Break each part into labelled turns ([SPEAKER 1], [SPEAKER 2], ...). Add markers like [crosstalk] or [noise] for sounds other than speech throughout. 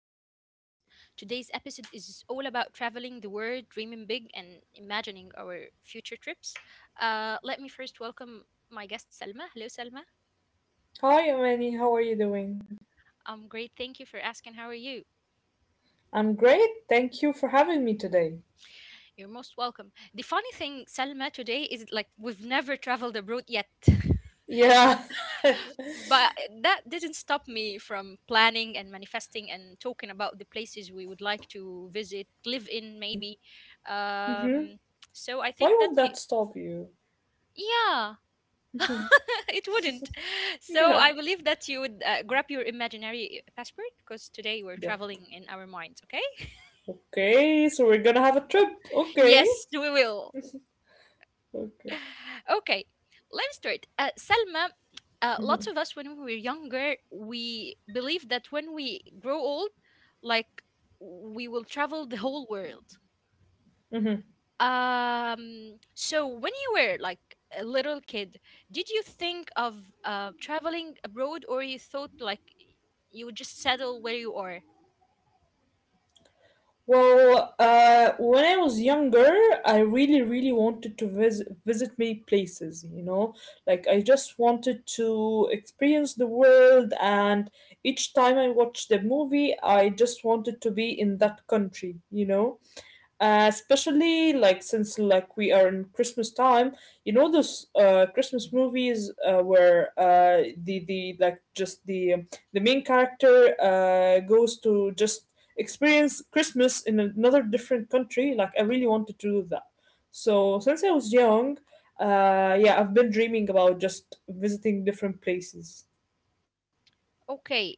[SPEAKER 1] our podcast. Today's episode is all about traveling the world, dreaming big, and imagining our future trips. Let me first welcome my guest, Selma. Hello, Selma.
[SPEAKER 2] Hi, Amani. How are you doing?
[SPEAKER 1] I'm great. Thank you for asking. How are you?
[SPEAKER 2] I'm great. Thank you for having me today.
[SPEAKER 1] You're most welcome. The funny thing, Selma, today is like we've never traveled abroad yet. [laughs]
[SPEAKER 2] Yeah. [laughs]
[SPEAKER 1] But that didn't stop me from planning and manifesting and talking about the places we would like to visit, live in maybe.
[SPEAKER 2] Mm-hmm.
[SPEAKER 1] um so I
[SPEAKER 2] Why
[SPEAKER 1] think that
[SPEAKER 2] would
[SPEAKER 1] you
[SPEAKER 2] that stop you?
[SPEAKER 1] yeah [laughs] It wouldn't.
[SPEAKER 2] [laughs]
[SPEAKER 1] So
[SPEAKER 2] Yeah.
[SPEAKER 1] I believe that you would grab your imaginary passport, because today we're
[SPEAKER 2] Yeah.
[SPEAKER 1] traveling in our minds. Okay?
[SPEAKER 2] Okay, so we're gonna have a trip. Okay.
[SPEAKER 1] Yes, we will.
[SPEAKER 2] Okay.
[SPEAKER 1] [laughs] Okay, let's start. Selma, lots of us, when we were younger, we believe that when we grow old, like, we will travel the whole world.
[SPEAKER 2] Mm-hmm.
[SPEAKER 1] So when you were like a little kid, did you think of traveling abroad, or you thought like you would just settle where you are?
[SPEAKER 2] When I was younger, I really, really wanted to visit many places. Like I just wanted to experience the world, and each time I watched the movie, I just wanted to be in that country. You know. Especially since we are in Christmas time, you know those Christmas movies where the main character goes to just experience Christmas in another different country. Like I really wanted to do that. So since I was young, yeah, I've been dreaming about just visiting different places.
[SPEAKER 1] Okay,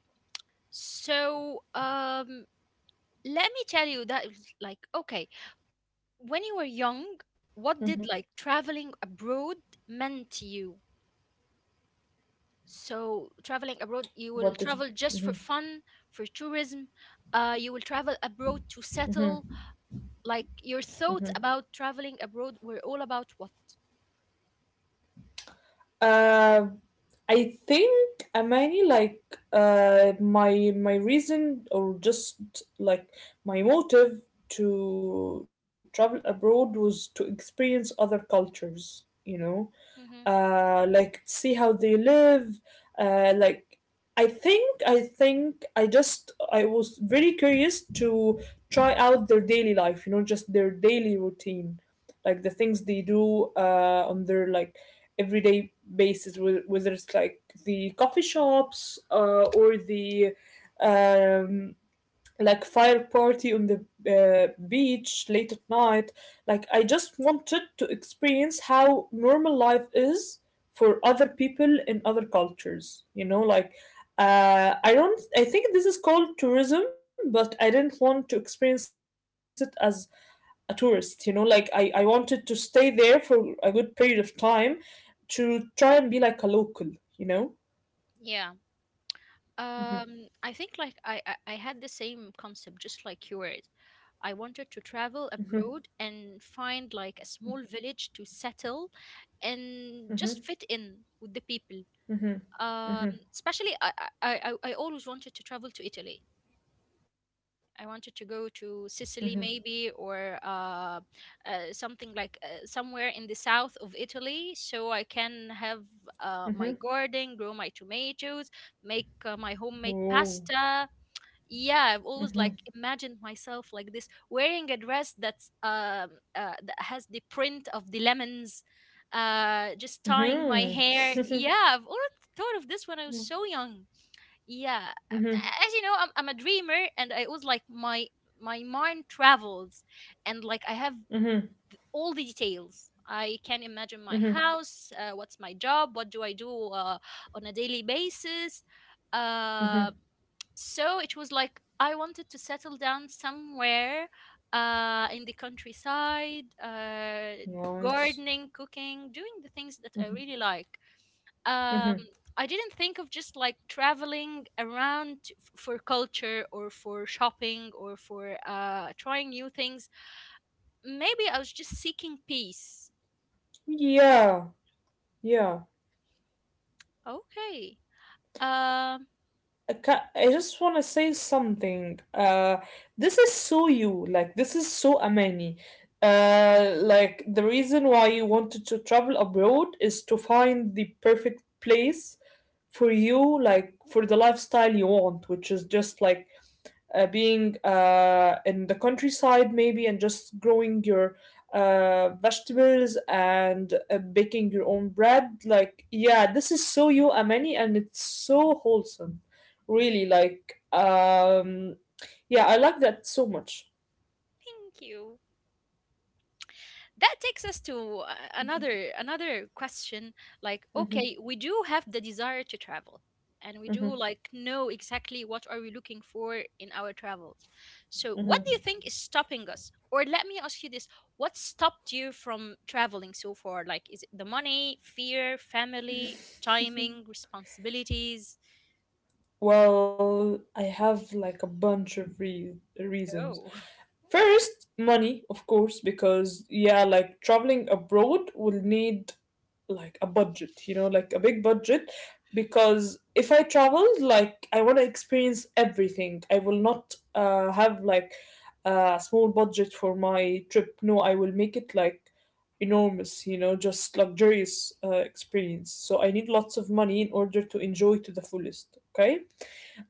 [SPEAKER 1] so let me tell you that it was like, okay, when you were young, what did like traveling abroad meant to you? So,
[SPEAKER 2] What did.
[SPEAKER 1] traveling abroad, you will travel just for fun, for tourism. You will travel abroad to settle. Like, your thoughts about traveling abroad were all about what?
[SPEAKER 2] Uh, I think, Amani, my reason or just like my motive to travel abroad was to experience other cultures, you know,
[SPEAKER 1] Hmm.
[SPEAKER 2] like see how they live. Uh, like I think I was very curious to try out their daily life. You know, just their daily routine, like the things they do on their like everyday basis, whether it's like the coffee shops or the um, like fire party on the beach late at night. Like I just wanted to experience how normal life is for other people in other cultures. You know, like I don't. I think this is called tourism, but I didn't want to experience it as a tourist. You know, like I wanted to stay there for a good period of time to try and be like a local. You know.
[SPEAKER 1] Yeah.
[SPEAKER 2] Mhm,
[SPEAKER 1] I think, like, I had the same concept, just like yours. I wanted to
[SPEAKER 2] mhm,
[SPEAKER 1] travel abroad and find like a small village to settle, and
[SPEAKER 2] mhm,
[SPEAKER 1] just fit in with the people.
[SPEAKER 2] mhm, mhm,
[SPEAKER 1] Especially I always wanted to travel to Italy.
[SPEAKER 2] mhm,
[SPEAKER 1] I wanted to go to Sicily, maybe, or something like somewhere in the south of Italy, so I can have
[SPEAKER 2] mhm.
[SPEAKER 1] my garden, grow my tomatoes, make my
[SPEAKER 2] Oh.
[SPEAKER 1] homemade pasta. Yeah, I've
[SPEAKER 2] Mm-hmm.
[SPEAKER 1] always like imagined myself like this, wearing a dress that's that has the print of the lemons, just
[SPEAKER 2] Mhm.
[SPEAKER 1] tying my
[SPEAKER 2] [laughs]
[SPEAKER 1] hair. Yeah, I've always thought of this when I was so young. Yeah,
[SPEAKER 2] Mhm.
[SPEAKER 1] as you know, I'm a dreamer, and I was like, my mind travels, and like, I have
[SPEAKER 2] Mhm.
[SPEAKER 1] all the details. I can imagine
[SPEAKER 2] Mhm.
[SPEAKER 1] my house, what's my job, what do I do on a daily basis.
[SPEAKER 2] Mhm.
[SPEAKER 1] uh, so it was like, I wanted to settle down somewhere in the countryside,
[SPEAKER 2] Nice.
[SPEAKER 1] gardening, cooking, doing the things that I really like. um
[SPEAKER 2] Mhm.
[SPEAKER 1] I didn't think of just like traveling around for culture, or for shopping, or for trying new things. Maybe I was just seeking peace.
[SPEAKER 2] Yeah. Yeah.
[SPEAKER 1] Okay. um
[SPEAKER 2] I just want to say something. This is so you. Like this is so Amani. Like the reason why you wanted to travel abroad is to find the perfect place for you, like for the lifestyle you want, which is just like being in the countryside maybe and just growing your vegetables and baking your own bread. Like, yeah, this is so you, Amani, and it's so wholesome, really. Like, yeah, I like that so much.
[SPEAKER 1] Thank you. That takes us to another question. Like,
[SPEAKER 2] Hmm.
[SPEAKER 1] okay, we do have the desire to travel, and we do
[SPEAKER 2] Hmm.
[SPEAKER 1] like know exactly what are we looking for in our travels. So what
[SPEAKER 2] Hmm.
[SPEAKER 1] do you think is stopping us? Or let me ask you this: what stopped you from traveling so far? Like, is it the money, fear, family, timing, responsibilities?
[SPEAKER 2] Well, I have like a bunch of reasons.
[SPEAKER 1] Oh.
[SPEAKER 2] First, money, of course, because yeah, like traveling abroad will need like a budget, you know, like a big budget. Because if I travel, like I want to experience everything, I will not have like a small budget for my trip. No, I will make it like enormous, you know, just luxurious experience. So I need lots of money in order to enjoy to the fullest. Okay.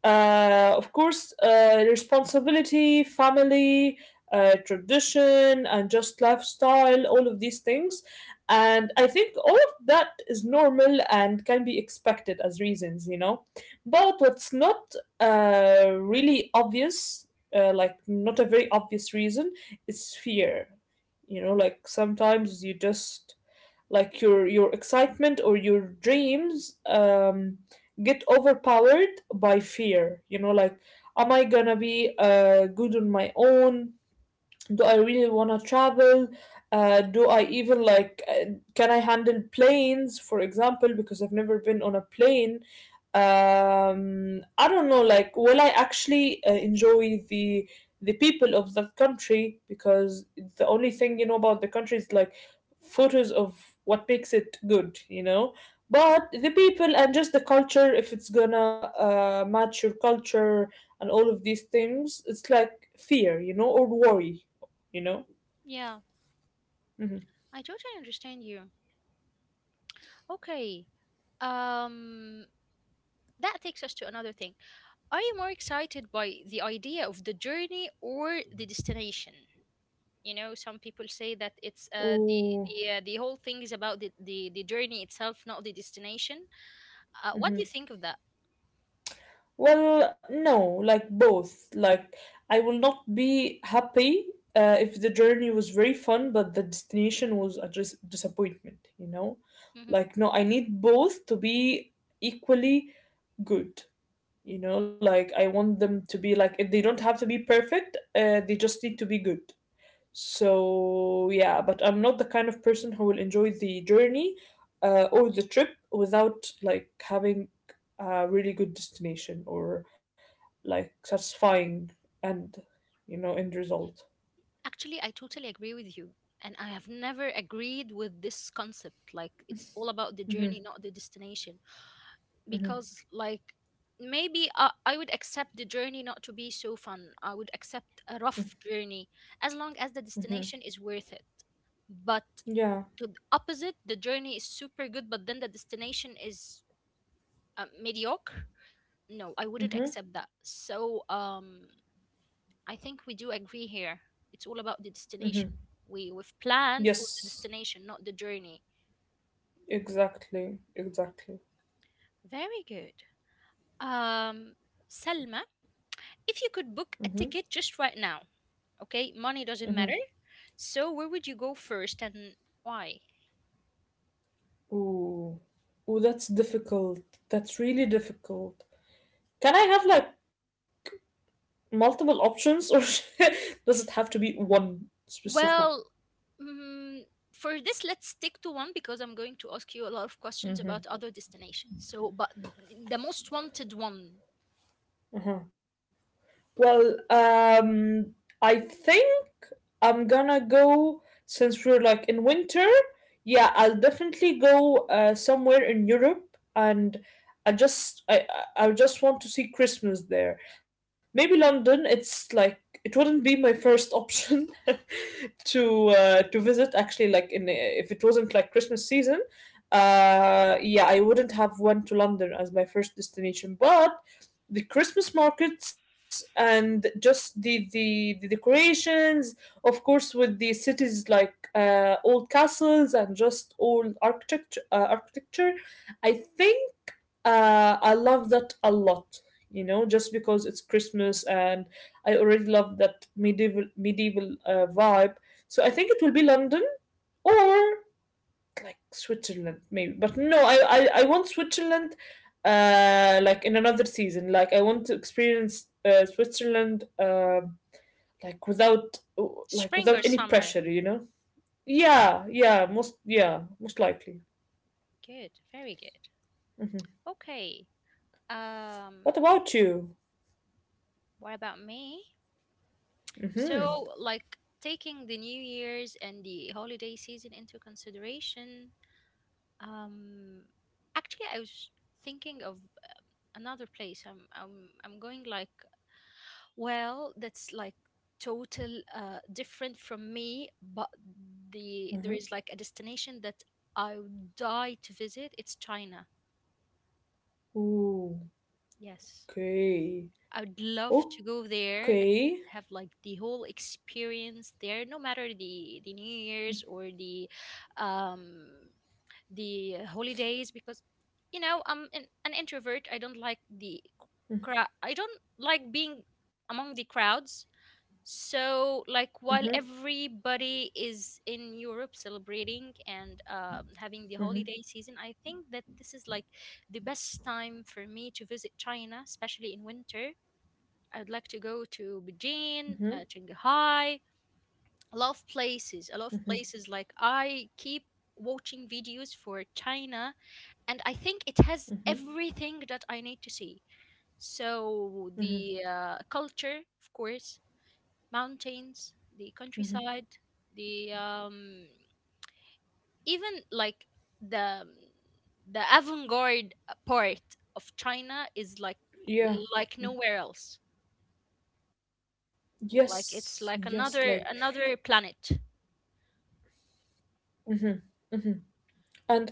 [SPEAKER 2] Of course, responsibility, family, tradition, and just lifestyle, all of these things. And I think all of that is normal and can be expected as reasons, you know. But what's not really obvious, like not a very obvious reason, is fear. You know, like sometimes you just like your excitement or your dreams get overpowered by fear, you know. Like, am I gonna be good on my own? Do I really want to travel? Uh, do I even like, can I handle planes, for example, because I've never been on a plane? Um, I don't know, like, will I actually enjoy the people of that country? Because the only thing you know about the country is like photos of what makes it good, you know. But the people and just the culture, if it's gonna match your culture and all of these things, it's like fear, you know, or worry, you know?
[SPEAKER 1] [laughs] Yeah,
[SPEAKER 2] Hmm.
[SPEAKER 1] I totally understand you. Okay. um that takes us to another thing. Are you more excited by the idea of the journey or the destination? You know, some people say that it's
[SPEAKER 2] Oh.
[SPEAKER 1] the whole thing is about the journey itself, not the destination. What
[SPEAKER 2] Hmm.
[SPEAKER 1] do you think of that?
[SPEAKER 2] Well, no, like both. Like, I will not be happy if the journey was very fun, but the destination was a disappointment, you know?
[SPEAKER 1] Hmm.
[SPEAKER 2] Like, no, I need both to be equally good. You know, like I want them to be like, if they don't have to be perfect, they just need to be good. So yeah, but I'm not the kind of person who will enjoy the journey or the trip without like having a really good destination or like satisfying and you know end result.
[SPEAKER 1] Actually, I totally agree with you, and I have never agreed with this concept. Like, it's all about the
[SPEAKER 2] Hmm.
[SPEAKER 1] journey, not the destination. Because, like, maybe I would accept the journey not to be so fun. I would accept a rough journey as long as the
[SPEAKER 2] Hmm.
[SPEAKER 1] destination is worth it. But
[SPEAKER 2] Yeah.
[SPEAKER 1] to the opposite, the journey is super good, but then the destination is mediocre. No, I wouldn't
[SPEAKER 2] Hmm.
[SPEAKER 1] accept that. So, I think we do agree here. It's all about the
[SPEAKER 2] Hmm.
[SPEAKER 1] destination. We've planned for the
[SPEAKER 2] Yes.
[SPEAKER 1] destination, not the journey.
[SPEAKER 2] Exactly. Exactly.
[SPEAKER 1] Very good. Um, Selma, if you could book
[SPEAKER 2] Hmm.
[SPEAKER 1] a ticket just right now, okay, money
[SPEAKER 2] Hmm.
[SPEAKER 1] doesn't matter. So where would you go first and why?
[SPEAKER 2] Ooh. Ooh, that's difficult. That's really difficult. Can I have like multiple options, or [laughs] does it have to be one specific?
[SPEAKER 1] Well, mm, for this, let's stick to one, because I'm going to ask you a lot of questions about
[SPEAKER 2] Mm-hmm.
[SPEAKER 1] other destinations. So, but the most wanted one.
[SPEAKER 2] Uh-huh. Well, I think I'm gonna go, since we're like in winter. Yeah, I'll definitely go somewhere in Europe, and I just I I just want to see Christmas there. Maybe London. It's like it wouldn't be my first option [laughs] to visit. Actually, like, in if it wasn't like Christmas season, yeah, I wouldn't have went to London as my first destination, but the Christmas markets and just the decorations, of course, with the cities like old castles and just old architecture. Architecture, I think, I love that a lot. You know, just because it's Christmas and I already love that medieval vibe. So I think it will be London or like Switzerland maybe, but no, I want Switzerland, like in another season. Like I want to experience Switzerland, like without like
[SPEAKER 1] Spring
[SPEAKER 2] without
[SPEAKER 1] or
[SPEAKER 2] any
[SPEAKER 1] summer?
[SPEAKER 2] pressure, you know. Yeah, yeah, most likely.
[SPEAKER 1] Good, very good.
[SPEAKER 2] Hmm.
[SPEAKER 1] Okay.
[SPEAKER 2] What
[SPEAKER 1] Um,
[SPEAKER 2] about you?
[SPEAKER 1] what about me?
[SPEAKER 2] Mm-hmm.
[SPEAKER 1] So, like, taking the New Year's and the holiday season into consideration, um, actually, I was thinking of another place. I'm going, like, well, that's like total different from me, but
[SPEAKER 2] Mm-hmm.
[SPEAKER 1] there is like a destination that I would die to visit. It's China.
[SPEAKER 2] Ooh,
[SPEAKER 1] Yes.
[SPEAKER 2] okay,
[SPEAKER 1] I would love to go
[SPEAKER 2] okay.
[SPEAKER 1] there and have like the whole experience there, no matter the New Year's or the, um the holidays, because, you know, I'm an introvert. I don't like the crowd. I don't like being among the crowds. So,
[SPEAKER 2] Mm-hmm.
[SPEAKER 1] like, while everybody is in Europe celebrating and having the
[SPEAKER 2] Mm-hmm.
[SPEAKER 1] holiday season, I think that this is like the best time for me to visit China, especially in winter. I'd like to go to
[SPEAKER 2] Mm-hmm.
[SPEAKER 1] Beijing, Shanghai, a lot of places, a lot of places. Like, I keep watching videos for China, and I think it has
[SPEAKER 2] Mm-hmm.
[SPEAKER 1] everything that I need to see. So
[SPEAKER 2] Mm-hmm.
[SPEAKER 1] the culture, of course, mountains,
[SPEAKER 2] Mm-hmm.
[SPEAKER 1] the countryside, the, even like the the avant-garde part of China is
[SPEAKER 2] Yeah.
[SPEAKER 1] like nowhere else.
[SPEAKER 2] Yes.
[SPEAKER 1] Like,
[SPEAKER 2] Yes.
[SPEAKER 1] it's like
[SPEAKER 2] Like.
[SPEAKER 1] another planet.
[SPEAKER 2] Mhm. And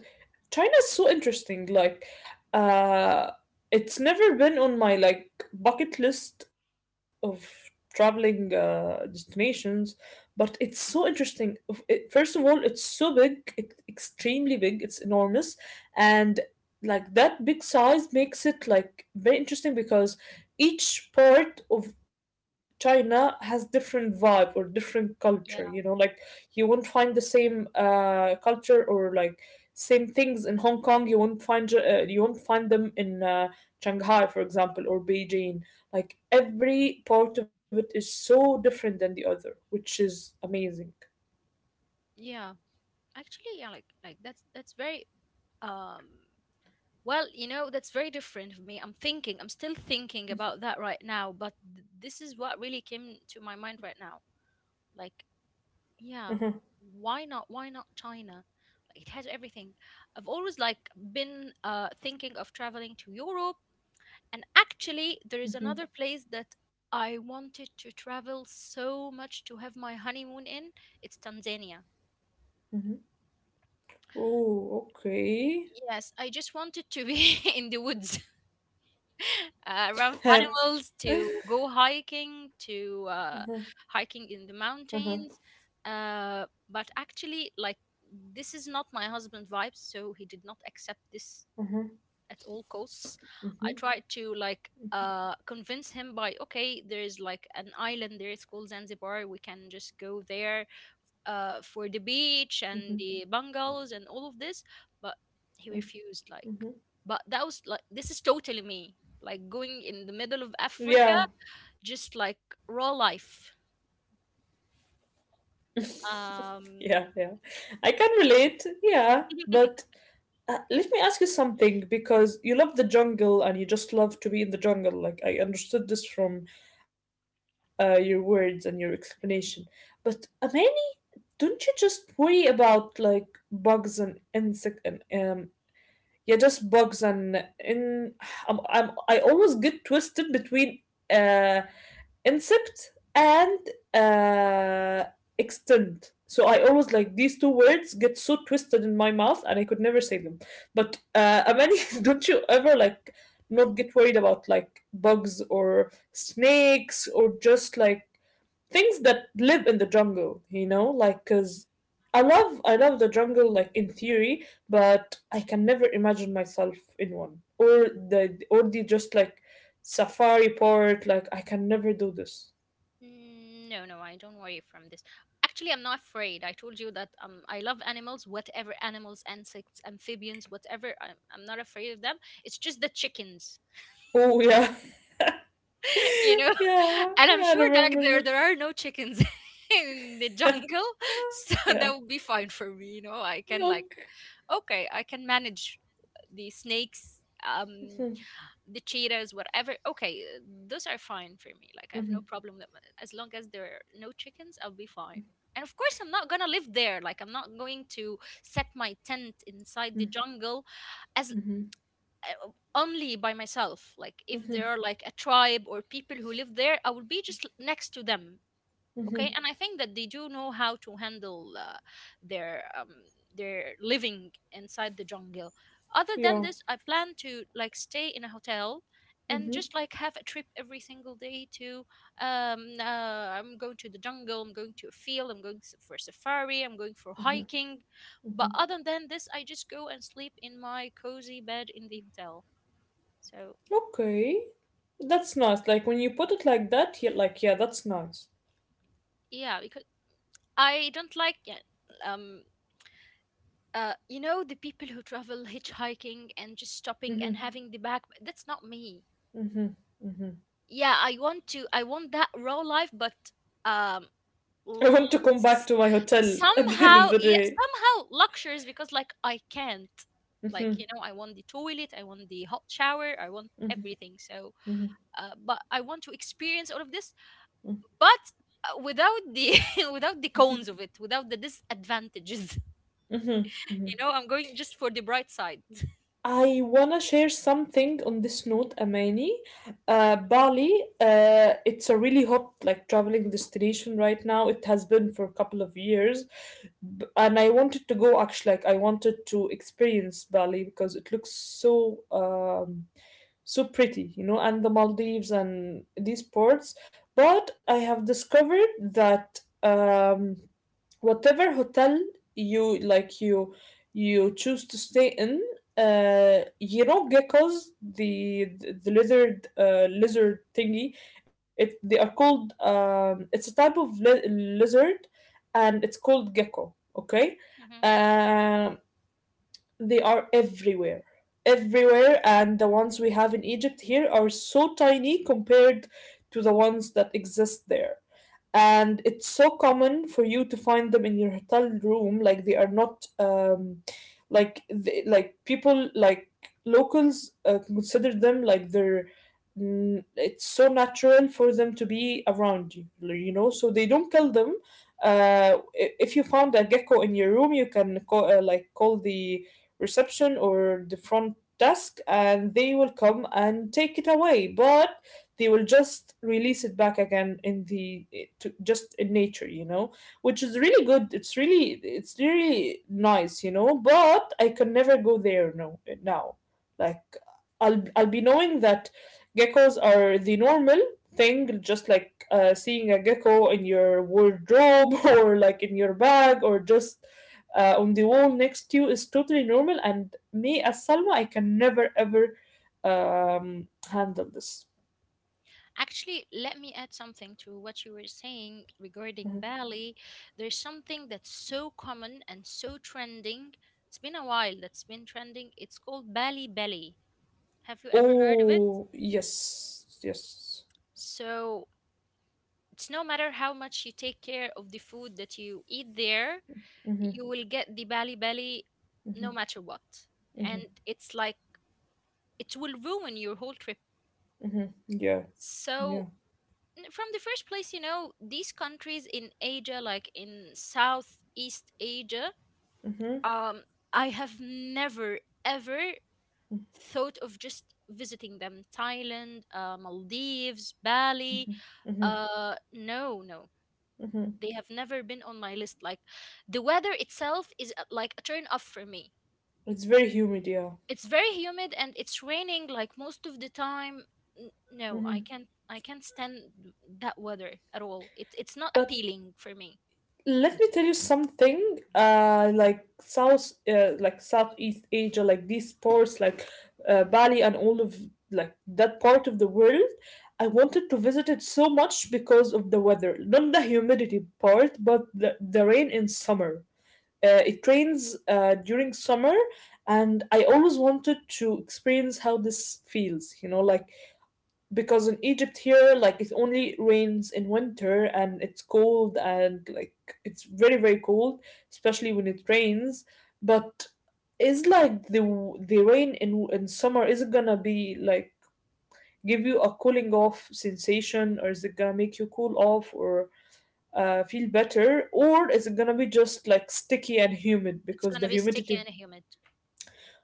[SPEAKER 2] China's so interesting. Like, uh, it's never been on my like bucket list of traveling destinations, but it's so interesting. It, first of all, it's so big, it, extremely big. It's enormous, and like that big size makes it like very interesting because each part of China has different vibe or different culture. You know,
[SPEAKER 1] Yeah,
[SPEAKER 2] like you won't find the same culture or like same things in Hong Kong. You won't find them in Shanghai, for example, or Beijing. Like every part of it is so different than the other, which is amazing.
[SPEAKER 1] yeah. Actually, yeah, like that's very, um well, you know, that's very different for me. I'm thinking, I'm still thinking about that right now, but this is what really came to my mind right now. Like, yeah,
[SPEAKER 2] Mhm,
[SPEAKER 1] why not China? Like, it has everything. I've always like been thinking of traveling to Europe, and actually there is another
[SPEAKER 2] mhm,
[SPEAKER 1] place that I wanted to travel so much to have my honeymoon in. It's Tanzania.
[SPEAKER 2] mhm. Oh, okay.
[SPEAKER 1] Yes, I just wanted to be [laughs] in the woods, [laughs] around animals,
[SPEAKER 2] [laughs]
[SPEAKER 1] to go hiking, to hiking in the
[SPEAKER 2] Uh-huh,
[SPEAKER 1] mountains. But actually, like, this is not my husband vibes, so he did not accept this at all costs. I
[SPEAKER 2] mhm,
[SPEAKER 1] tried to, like, convince him by, okay, there is like an island there, it's called Zanzibar, we can just go there for the beach and
[SPEAKER 2] mhm,
[SPEAKER 1] the bungalows and all of this, but he refused. Like,
[SPEAKER 2] mhm.
[SPEAKER 1] but that was like, this is totally me, like going in the middle of Africa,
[SPEAKER 2] Yeah.
[SPEAKER 1] just like raw life.
[SPEAKER 2] [laughs] Yeah,
[SPEAKER 1] Um,
[SPEAKER 2] yeah. I can relate. Yeah. But.
[SPEAKER 1] [laughs]
[SPEAKER 2] Let me ask you something, because you love the jungle and you just love to be in the jungle. Like, I understood this from your words and your explanation. But, Amani, don't you just worry about like bugs and insect and, yeah, just bugs and in. [sighs] I always get twisted between uh, insect and uh, extend. So I always like these two words get so twisted in my mouth and I could never say them. But, Amani, [laughs] don't you ever like not get worried about like bugs or snakes or just like things that live in the jungle, you know? Like, because I love the jungle like in theory, but I can never imagine myself in one. Or the just like safari park, like I can never do this.
[SPEAKER 1] No, no, I don't worry from this. Actually, I'm not afraid. I told you that I love animals, whatever, animals, insects, amphibians, whatever. I'm not afraid of them. It's just the chickens.
[SPEAKER 2] Oh yeah.
[SPEAKER 1] You know,
[SPEAKER 2] [laughs] Yeah,
[SPEAKER 1] [laughs] and I'm
[SPEAKER 2] I
[SPEAKER 1] sure that
[SPEAKER 2] remember
[SPEAKER 1] there are no chickens [laughs] in the
[SPEAKER 2] that.
[SPEAKER 1] jungle. So [laughs]
[SPEAKER 2] [laughs] Yeah.
[SPEAKER 1] that would be fine for me. You know, I can, like,
[SPEAKER 2] Okay.
[SPEAKER 1] okay, I can manage the snakes, um the cheetahs, whatever. Okay, those are fine for me. Like, I have no
[SPEAKER 2] Mhm,
[SPEAKER 1] problem with them. As long as there are no chickens, I'll be fine. And of course, I'm not gonna live there. Like, I'm not going to set my tent inside the jungle as,
[SPEAKER 2] mhm,
[SPEAKER 1] uh, only by myself. Like, if
[SPEAKER 2] mhm,
[SPEAKER 1] there are like a tribe or people who live there, I will be just next to them.
[SPEAKER 2] mhm.
[SPEAKER 1] Okay, and I think that they do know how to handle their, their living inside the jungle. Other than
[SPEAKER 2] Yeah.
[SPEAKER 1] this, I plan to like stay in a hotel, and
[SPEAKER 2] Mhm,
[SPEAKER 1] just like have a trip every single day to, I'm going to the jungle, I'm going to a field, I'm going for safari, I'm going for hiking. But
[SPEAKER 2] mhm.
[SPEAKER 1] other than this, I just go and sleep in my cozy bed in the hotel. So,
[SPEAKER 2] Okay. That's nice. Like when you put it like that, yeah, like yeah, that's nice.
[SPEAKER 1] yeah, because I don't like, yeah, um you know, the people who travel [laughs] hitchhiking and just stopping and
[SPEAKER 2] Hmm.
[SPEAKER 1] having the back, that's not me. Yeah, I want to, I want that raw life, but, um
[SPEAKER 2] I want to
[SPEAKER 1] l-
[SPEAKER 2] come back
[SPEAKER 1] s-
[SPEAKER 2] to my hotel [laughs] at the end of
[SPEAKER 1] somehow,
[SPEAKER 2] the
[SPEAKER 1] yeah,
[SPEAKER 2] day.
[SPEAKER 1] somehow luxuries, because like, I can't. Like,
[SPEAKER 2] Mm-hmm.
[SPEAKER 1] you know, I want the toilet, I want the hot shower, I want everything. So,
[SPEAKER 2] Mhm,
[SPEAKER 1] but I want to experience all of this, but without the [laughs] without the cons of it, without the disadvantages. You
[SPEAKER 2] mhm.
[SPEAKER 1] know, I'm going just for the bright side.
[SPEAKER 2] I wanna share something on this note, Amani. Bali, it's a really hot like traveling destination right now. It has been for a couple of years, and I wanted to go actually. Like I wanted to experience Bali because it looks so, so pretty, you know, and the Maldives and these ports. But I have discovered that. Whatever hotel you like you choose to stay in, you know, geckos, the lizard, lizard thingy, it they are called, um, it's a type of lizard, and it's called gecko, okay.
[SPEAKER 1] Hmm.
[SPEAKER 2] Um, they are everywhere. Everywhere, and the ones we have in Egypt here are so tiny compared to the ones that exist there. And it's so common for you to find them in your hotel room. Like, they are not, like people like locals consider them like they're. Mm, it's so natural for them to be around you, you know. So they don't kill them, uh, if you found a gecko in your room, you can call, like call the reception or the front desk, and they will come and take it away, but they will just release it back again just in nature, which is really good. It's really, it's really nice, you know. But I can never go there. No now like I'll be knowing that geckos are the normal thing, just like seeing a gecko in your wardrobe [laughs] or like in your bag or just on the wall next to you is totally normal. And me as Salma, I can never ever handle this.
[SPEAKER 1] Actually, let me add something to what you were saying regarding
[SPEAKER 2] Mhm.
[SPEAKER 1] Bali. There's something that's so common and so trending. It's been a while that's been trending. It's called Bali Belly. Have you ever heard of it?
[SPEAKER 2] Oh, yes, yes,
[SPEAKER 1] So, it's no matter how much you take care of the food that you eat there, you will get the Bali Belly no matter what. And it's like it will ruin your whole trip.
[SPEAKER 2] yeah, yeah.
[SPEAKER 1] So from the first place, you know, these countries in Asia, like in Southeast Asia,
[SPEAKER 2] Mm-hmm,
[SPEAKER 1] um, I have never ever thought of just visiting them. Thailand, Maldives, Bali.
[SPEAKER 2] mm-hmm,
[SPEAKER 1] No,
[SPEAKER 2] mm-hmm.
[SPEAKER 1] they have never been on my list. Like, the weather itself is like a turn off for me.
[SPEAKER 2] It's very humid, yeah.
[SPEAKER 1] It's very humid and it's raining like most of the time. No, I
[SPEAKER 2] Mm-hmm.
[SPEAKER 1] can't. I can't stand that weather at all. It's not
[SPEAKER 2] But
[SPEAKER 1] appealing for me.
[SPEAKER 2] let me tell you something, like Southeast Asia, like these ports, like Bali and all of like that part of the world. I wanted to visit it so much because of the weather, not the humidity part, but the rain in summer. It rains during summer, and I always wanted to experience how this feels, you know. Like because in Egypt here, like it only rains in winter and it's cold, and like it's very cold, especially when it rains. But is like the rain in summer, is it gonna be like give you a cooling off sensation, or is it gonna make you cool off, or feel better, or is it gonna be just like sticky and humid
[SPEAKER 1] It's
[SPEAKER 2] because
[SPEAKER 1] gonna
[SPEAKER 2] the
[SPEAKER 1] be sticky
[SPEAKER 2] humidity.
[SPEAKER 1] and humid.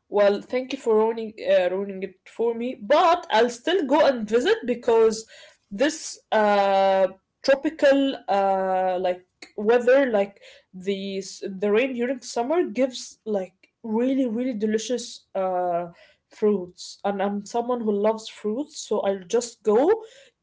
[SPEAKER 2] Well, thank you for ruining it for me, but I'll still go and visit because this tropical like weather, like the rain during summer gives like really delicious fruits, and I'm someone who loves fruits, so I'll just go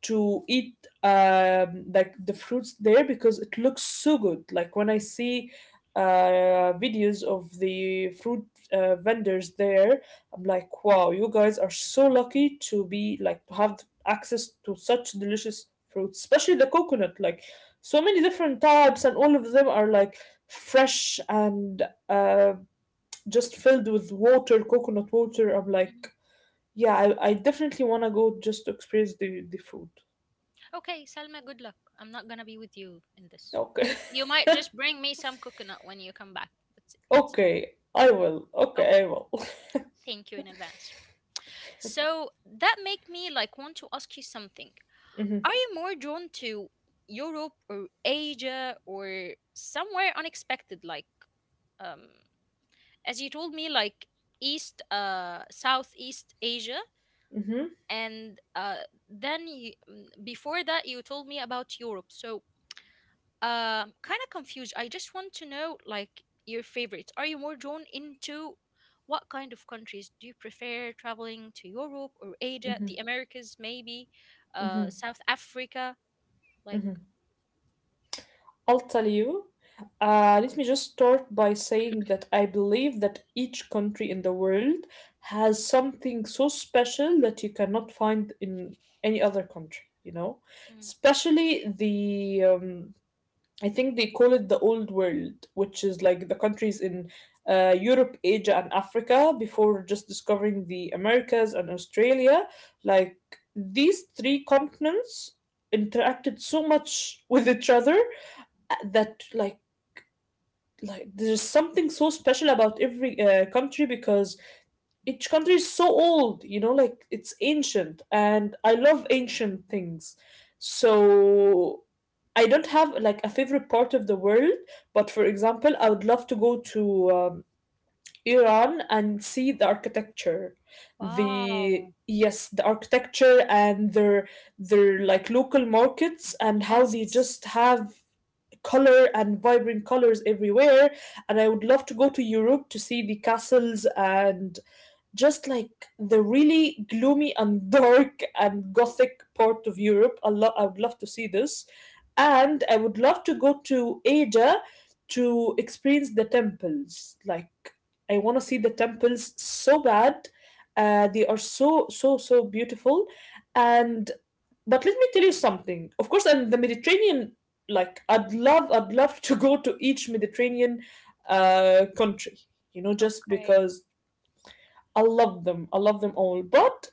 [SPEAKER 2] to eat like the fruits there because it looks so good. Like when I see videos of the fruit vendors there, I'm like, wow, you guys are so lucky to be like to have access to such delicious fruits, especially the coconut. Like so many different types, and all of them are like fresh and uh, just filled with water, coconut water. I'm
[SPEAKER 1] Mhm.
[SPEAKER 2] like, yeah, I definitely want to go just to experience the food.
[SPEAKER 1] Okay, Salma, good luck. I'm not gonna be with you in this.
[SPEAKER 2] Okay.
[SPEAKER 1] You might just bring me some coconut when you come back. That's
[SPEAKER 2] [laughs]
[SPEAKER 1] that's
[SPEAKER 2] Okay, I will, okay, I
[SPEAKER 1] okay.
[SPEAKER 2] will. [laughs]
[SPEAKER 1] Thank you in advance. So that make me like want to ask you something.
[SPEAKER 2] Mhm,
[SPEAKER 1] Are you more drawn to Europe or Asia or somewhere unexpected? Like um, as you told me, like East, Southeast Asia, and then before that you told me about Europe. So kind of confused. I just want to know like your favorites. Are you more drawn into what kind of countries do you prefer traveling to? Europe or Asia,
[SPEAKER 2] mhm,
[SPEAKER 1] the Americas maybe,
[SPEAKER 2] mhm,
[SPEAKER 1] South Africa? Like,
[SPEAKER 2] mhm. I'll tell you. Let me just start by saying that I believe that each country in the world has something so special that you cannot find in any other country, you know?
[SPEAKER 1] mm,
[SPEAKER 2] Especially I think they call it the old world, which is like the countries in Europe, Asia, and Africa before just discovering the Americas and Australia. Like these three continents interacted so much [laughs] with each other that like there's something so special about every country because each country is so old, you know, like it's ancient, and I love ancient things. So I don't have like a favorite part of the world, but for example, I would love to go to Iran and see the architecture. The,
[SPEAKER 1] wow,
[SPEAKER 2] yes, the architecture and their like local markets, and how they
[SPEAKER 1] yes,
[SPEAKER 2] just have color and vibrant colors everywhere. And I would love to go to Europe to see the castles and just like the really gloomy and [laughs] dark and gothic part of Europe. I would love to see this. And I would love to go to Asia to experience the temples. Like, I want to see the temples so bad. They are so, so, so beautiful. And, but let me tell you something. Of course, and the Mediterranean, like, I'd love to go to each Mediterranean country, you know, just
[SPEAKER 1] okay.
[SPEAKER 2] because I love them. I love them all. But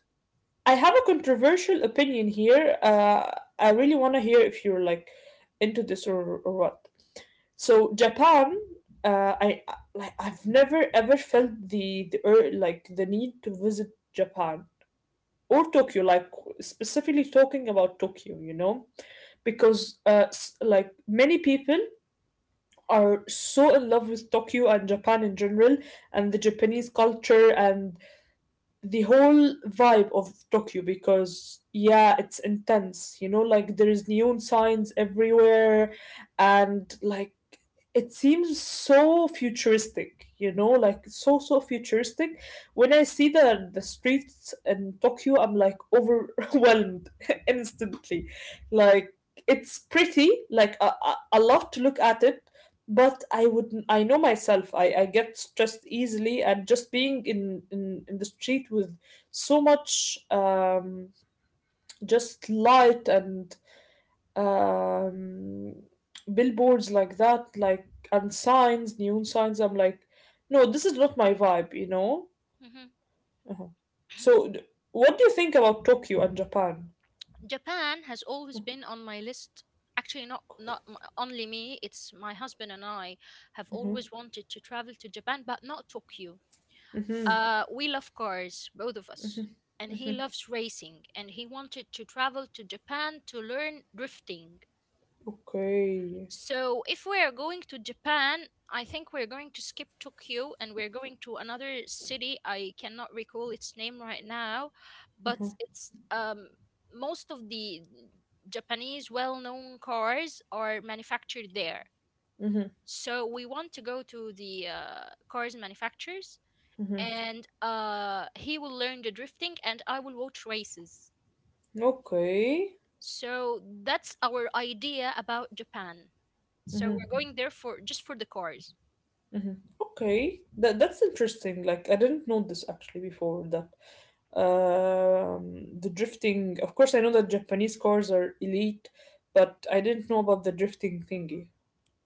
[SPEAKER 2] I have a controversial opinion here. I really want to hear if you're like into this, or what. So Japan, like I've never ever felt like the need to visit Japan or Tokyo. Like specifically talking about Tokyo, you know, because like many people are so in love with Tokyo and Japan in general, and the Japanese culture and the whole vibe of Tokyo. Because yeah, it's intense. You know, like there is neon signs everywhere, and like it seems so futuristic, you know, like so futuristic. When I see the streets in Tokyo, I'm like overwhelmed [laughs] instantly. Like it's pretty, like I love to look at it. But I would, I know myself, I get stressed easily, and just being in the street with so much just light and um, billboards like that, like, and signs, neon signs. I'm like, no, this is not my vibe, you know.
[SPEAKER 1] Hmm.
[SPEAKER 2] Uh-huh. So, d- what do you think about Tokyo and Japan?
[SPEAKER 1] Japan has always been on my list. Actually, not not m- only me. It's my husband and I have always wanted to travel to Japan, but not Tokyo. We love cars, both of us. And he loves racing, and he wanted to travel to Japan to learn drifting.
[SPEAKER 2] Okay.
[SPEAKER 1] So, if we are going to Japan, I think we're going to skip Tokyo and we're going to another city. I cannot recall its name right now, but it's most of the Japanese well known cars are manufactured there.
[SPEAKER 2] Mm-hmm,
[SPEAKER 1] So, we want to go to the cars manufacturers
[SPEAKER 2] mm-hmm.
[SPEAKER 1] and he will learn the drifting, and I will watch races.
[SPEAKER 2] Okay.
[SPEAKER 1] So that's our idea about Japan. So we're
[SPEAKER 2] Mm-hmm,
[SPEAKER 1] going there for just for the cars.
[SPEAKER 2] mm-hmm. Okay. That that's interesting. Like I didn't know this actually before that. The drifting. Of course, I know that Japanese cars are elite, but I didn't know about the drifting thingy.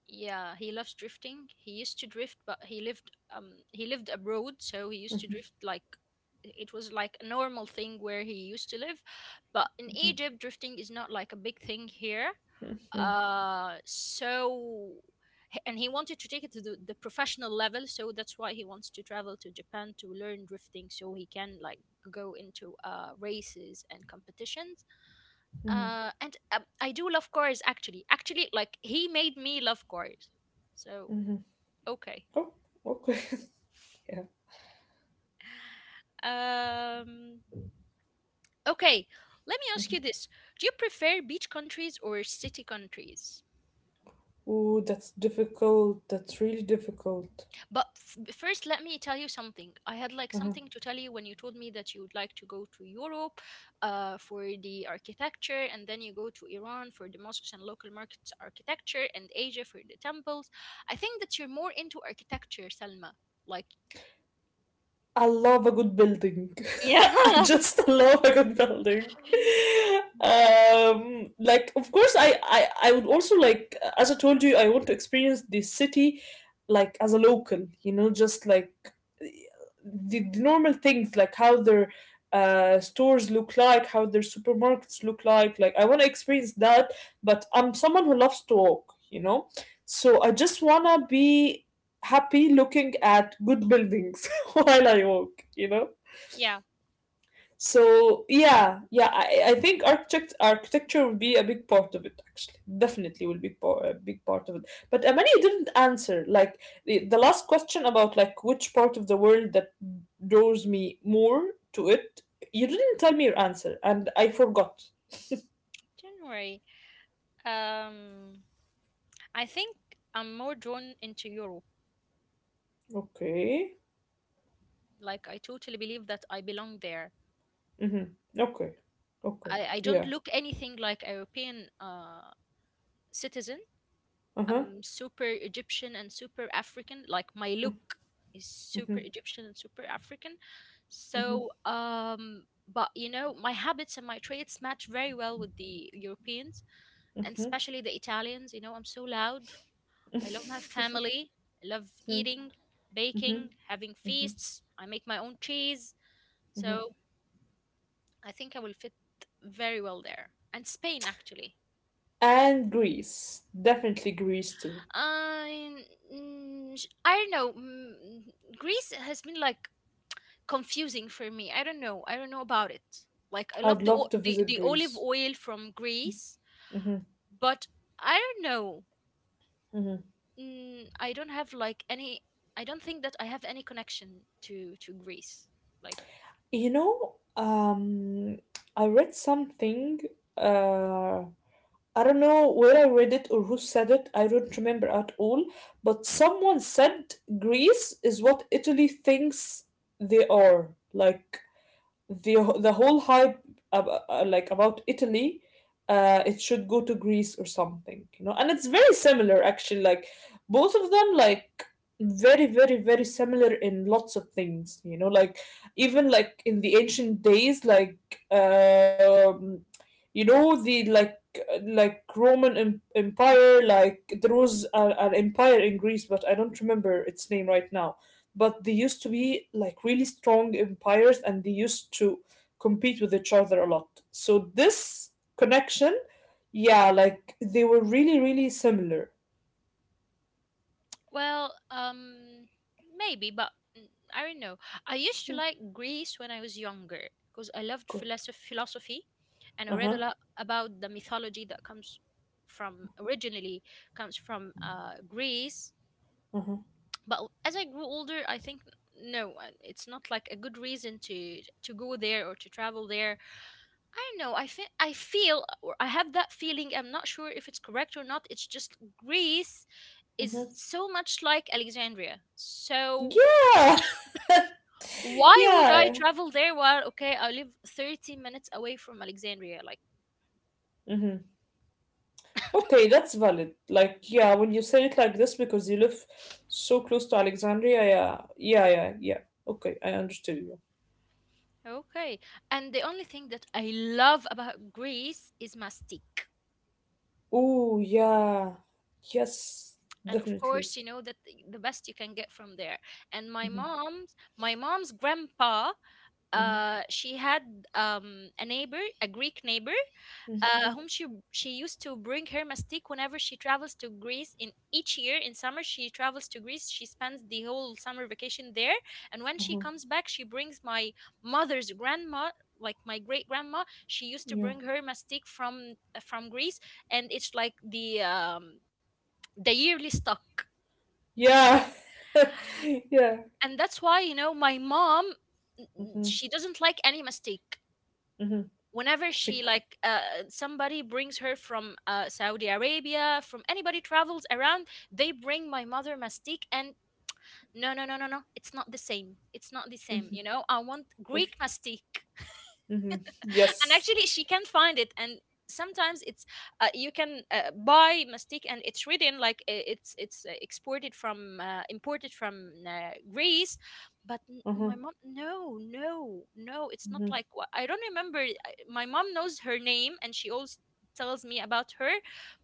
[SPEAKER 1] Yeah, he loves drifting. He used to drift, but he lived abroad, so he used to drift like it was like a normal thing where he used to live. But in Egypt, drifting is not like a big thing here.
[SPEAKER 2] Mm-hmm,
[SPEAKER 1] So and he wanted to take it to the professional level, so that's why he wants to travel to Japan to learn drifting so he can like go into uh, races and competitions.
[SPEAKER 2] mm-hmm.
[SPEAKER 1] And I do love cars, actually, like he made me love cars, so okay.
[SPEAKER 2] Oh, okay. [laughs] Yeah.
[SPEAKER 1] Um, okay, let me ask you this. Do you prefer beach countries or city countries?
[SPEAKER 2] Oh, that's difficult. That's really difficult.
[SPEAKER 1] But first, let me tell you something. I had like
[SPEAKER 2] Uh-huh.
[SPEAKER 1] something to tell you when you told me that you would like to go to Europe for the architecture, and then you go to Iran for the mosques and local markets architecture, and Asia for the temples. I think that you're more into architecture, Salma. Like,
[SPEAKER 2] I love a good building. [laughs] I
[SPEAKER 1] yeah. [laughs]
[SPEAKER 2] just [laughs] love a good building. Like of course, I would also like, as I told you, I want to experience the city like as a local, you know, just like the, the normal things, like how their stores look like, how their supermarkets look like. Like I want to experience that, but I'm someone who loves to walk, you know. So I just wanna be happy looking at good buildings [laughs] while I walk, you know.
[SPEAKER 1] Yeah,
[SPEAKER 2] So yeah, yeah, I think architecture will be a big part of it. Actually, definitely will be a big part of it. But Amani didn't answer like the last question about like which part of the world that draws me more to it. You didn't tell me your answer, and I forgot.
[SPEAKER 1] don't worry. Um, I think I'm more drawn into Europe.
[SPEAKER 2] Okay.
[SPEAKER 1] Like I totally believe that I belong there.
[SPEAKER 2] Mm-hmm. Okay. Okay.
[SPEAKER 1] I don't
[SPEAKER 2] Yeah.
[SPEAKER 1] look anything like a European citizen.
[SPEAKER 2] Uh huh.
[SPEAKER 1] I'm super Egyptian and super African. Like my look is
[SPEAKER 2] Mm-hmm.
[SPEAKER 1] super Egyptian and super African.
[SPEAKER 2] Mm-hmm.
[SPEAKER 1] So, but you know, my habits and my traits match very well with the Europeans, and
[SPEAKER 2] Mm-hmm.
[SPEAKER 1] especially the Italians. You know, I'm so loud. I love my
[SPEAKER 2] [laughs]
[SPEAKER 1] family. I love
[SPEAKER 2] Mm-hmm.
[SPEAKER 1] eating, baking, having
[SPEAKER 2] Mm-hmm.
[SPEAKER 1] feasts. I make my own cheese. So I think I will fit very well there. And Spain, actually.
[SPEAKER 2] And Greece, definitely Greece too.
[SPEAKER 1] I, mm, I don't know. Mm, Greece has been like confusing for me. I don't know. I don't know about it. Like I
[SPEAKER 2] I
[SPEAKER 1] love
[SPEAKER 2] would
[SPEAKER 1] the
[SPEAKER 2] love to visit
[SPEAKER 1] the olive
[SPEAKER 2] Greece.
[SPEAKER 1] oil from Greece,
[SPEAKER 2] Hmm.
[SPEAKER 1] but I don't know.
[SPEAKER 2] Hmm.
[SPEAKER 1] Mm, I don't have like any. I don't think that I have any connection to Greece. Like,
[SPEAKER 2] You know, I read something. Uh, I don't know where I read it or who said it. I don't remember at all. But someone said Greece is what Italy thinks they are. Like the the whole hype like about Italy, it should go to Greece or something, you know. And it's very similar actually. Like both of them, like very similar in lots of things, you know. Like even like in the ancient days, like um, you know the Roman empire, like there was an empire in Greece, but I don't remember its name right now. But they used to be like really strong empires, and they used to compete with each other a lot. So this connection, yeah, like they were really, really similar.
[SPEAKER 1] well, maybe, but mm, I don't know. I used to
[SPEAKER 2] Yeah.
[SPEAKER 1] like Greece when I was younger because I loved
[SPEAKER 2] Cool.
[SPEAKER 1] philosophy, and I read a
[SPEAKER 2] Uh-huh.
[SPEAKER 1] lot about the mythology that from originally comes from Greece.
[SPEAKER 2] Uh-huh.
[SPEAKER 1] But as I grew older, I think no, it's not like a good reason to go there or to travel there. I don't know. I feel or I have that feeling. I'm not sure if it's correct or not. It's just Greece
[SPEAKER 2] Uh-huh.
[SPEAKER 1] is so much like Alexandria. So
[SPEAKER 2] Yeah. [laughs]
[SPEAKER 1] why would I
[SPEAKER 2] Yeah.
[SPEAKER 1] travel there while okay, I live 30 minutes away from Alexandria like
[SPEAKER 2] Mm-hmm. Okay, that's valid. Like, yeah, when you say it like this, because you live so close to Alexandria, yeah. Yeah, yeah, yeah. Okay, I understood you.
[SPEAKER 1] okay. And the only thing that I love about Greece is mastic.
[SPEAKER 2] Oh, yeah. Yes,
[SPEAKER 1] And of
[SPEAKER 2] definitely.
[SPEAKER 1] course, you know that the best you can get from there. And
[SPEAKER 2] Mm-hmm.
[SPEAKER 1] my mom's grandpa,
[SPEAKER 2] Mm-hmm.
[SPEAKER 1] she had a neighbor, a Greek neighbor,
[SPEAKER 2] Mm-hmm.
[SPEAKER 1] whom she used to bring her mastic whenever she travels to Greece. In each year, in summer, she travels to Greece. She spends the whole summer vacation there, and when she
[SPEAKER 2] Hmm.
[SPEAKER 1] comes back, she brings my mother's grandma, like my great grandma. She used to
[SPEAKER 2] Yeah.
[SPEAKER 1] bring her mastic from Greece, and it's like the yearly stock,
[SPEAKER 2] Yeah. [laughs] Yeah.
[SPEAKER 1] and that's why you know my mom. n-
[SPEAKER 2] Mm-hmm.
[SPEAKER 1] She doesn't like any mastic.
[SPEAKER 2] Mm-hmm.
[SPEAKER 1] Whenever she
[SPEAKER 2] Bec-
[SPEAKER 1] like somebody brings her from Saudi Arabia, from anybody travels around, they bring my mother mastic, and no, no, no, no, no, it's not the same. It's not the same.
[SPEAKER 2] mm-hmm.
[SPEAKER 1] You know, I want
[SPEAKER 2] Of
[SPEAKER 1] Greek
[SPEAKER 2] course.
[SPEAKER 1] mastic.
[SPEAKER 2] Mm-hmm.
[SPEAKER 1] [laughs] And
[SPEAKER 2] Yes.
[SPEAKER 1] actually she can't find it, and sometimes it's you can buy mistake and it's written like it's exported from imported from Greece, but my
[SPEAKER 2] Uh-huh.
[SPEAKER 1] mom no, no, no, it's not
[SPEAKER 2] Mm-hmm.
[SPEAKER 1] like what I don't remember. My mom knows her name, and she always tells me about her,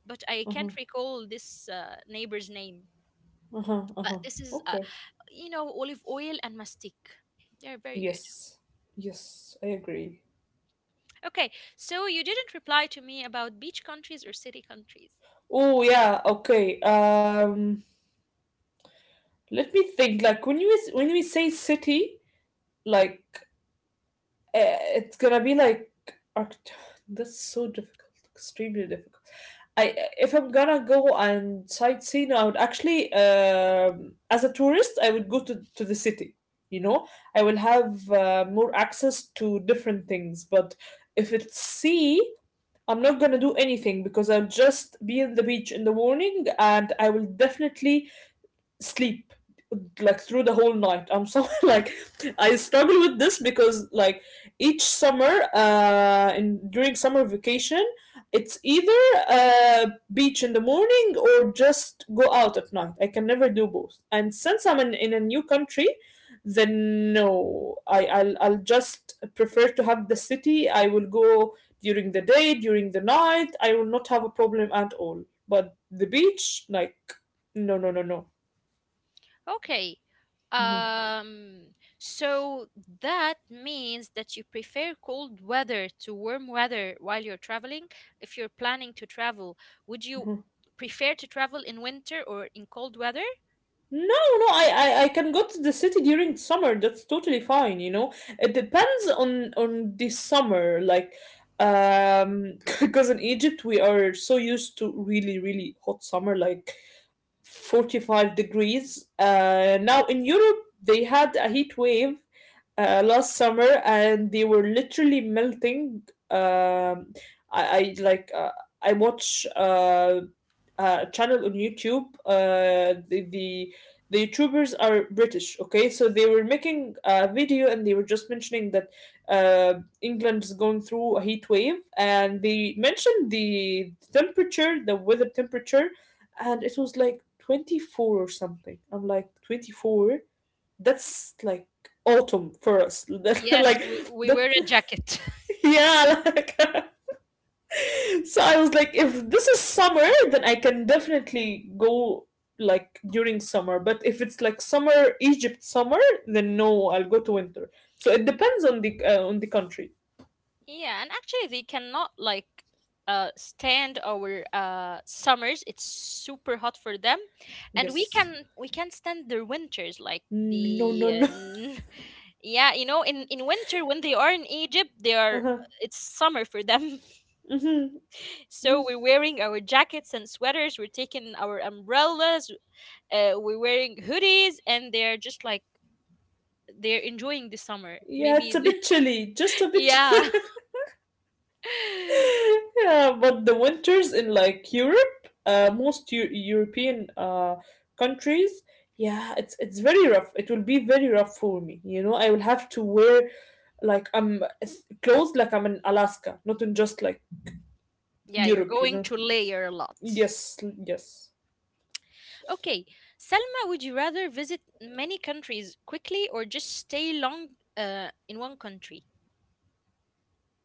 [SPEAKER 1] but I
[SPEAKER 2] Uh-huh.
[SPEAKER 1] can't recall this neighbor's name.
[SPEAKER 2] Uh-huh. Uh-huh.
[SPEAKER 1] But this is
[SPEAKER 2] Okay.
[SPEAKER 1] you know, olive oil and mastic, they're very good.
[SPEAKER 2] Yes. Yes, I agree.
[SPEAKER 1] Okay, so you didn't reply to me about beach countries or city countries.
[SPEAKER 2] Oh yeah, okay. Um, let me think, like when you when we say city, like it's gonna be like arch- that's so difficult, extremely difficult. I if I'm gonna go and sightseeing, I would actually, as a tourist, I would go to the city. You know, I will have more access to different things. But if it's sea, I'm not gonna do anything because I'll just be in the beach in the morning, and I will definitely sleep like through the whole night. I'm [laughs] so like I struggle with this because like each summer in during summer vacation, it's either uh beach in the morning or just go out at night. I can never do both. And since I'm in a new country, then no. I'll just prefer to have the city. I will go during the day, during the night. I will not have a problem at all. But the beach, like, no, no.
[SPEAKER 1] Okay.
[SPEAKER 2] Mhm,
[SPEAKER 1] So that means that you prefer cold weather to warm weather while you're traveling. If you're planning to travel, would you
[SPEAKER 2] mhm.
[SPEAKER 1] prefer to travel in winter or in cold weather?
[SPEAKER 2] No, no, I can go to the city during summer. That's totally fine, you know. It depends on the summer, like, [laughs] because in Egypt we are so used to really, really hot summer, like 45 degrees. Now in Europe, they had a heat wave last summer, and they were literally melting. Um, I like I watch a channel on YouTube. The YouTubers are British, okay? So they were making a video and they were just mentioning that England is going through a heat wave, and they mentioned the temperature, the weather temperature, and it was like 24 or something. I'm like 24, that's like autumn for us. [laughs] That-
[SPEAKER 1] Yes,
[SPEAKER 2] like
[SPEAKER 1] we
[SPEAKER 2] that
[SPEAKER 1] wear a jacket. [laughs]
[SPEAKER 2] yeah like [laughs] So I was like, if this is summer then I can definitely go like during summer, but if it's like summer, Egypt summer, then no, I'll go to winter. So it depends on the country.
[SPEAKER 1] Yeah, and actually they cannot like uh, stand our uh, summers. It's super hot for them. And
[SPEAKER 2] Yes.
[SPEAKER 1] we can stand their winters like
[SPEAKER 2] no
[SPEAKER 1] the
[SPEAKER 2] no no [laughs]
[SPEAKER 1] yeah, you know, in winter when they are in Egypt, they are
[SPEAKER 2] Uh-huh.
[SPEAKER 1] it's summer for them. [laughs]
[SPEAKER 2] Hmm.
[SPEAKER 1] So we're wearing our jackets and sweaters, we're taking our umbrellas, we're wearing hoodies, and they're just like they're enjoying the summer.
[SPEAKER 2] Yeah,
[SPEAKER 1] Maybe
[SPEAKER 2] it's a
[SPEAKER 1] the-
[SPEAKER 2] bit chilly, just a
[SPEAKER 1] [laughs]
[SPEAKER 2] bit
[SPEAKER 1] yeah.
[SPEAKER 2] chilly. [laughs]
[SPEAKER 1] [laughs]
[SPEAKER 2] Yeah, but the winters in like Europe, most European countries, yeah, it's very rough. It will be very rough for me. You know, I will have to wear like I'm clothes like I'm in Alaska, not in just like
[SPEAKER 1] Yeah, you're
[SPEAKER 2] Europe. You
[SPEAKER 1] going
[SPEAKER 2] know.
[SPEAKER 1] to layer a lot.
[SPEAKER 2] Yes, yes.
[SPEAKER 1] Okay, Selma, would you rather visit many countries quickly or just stay long in one country?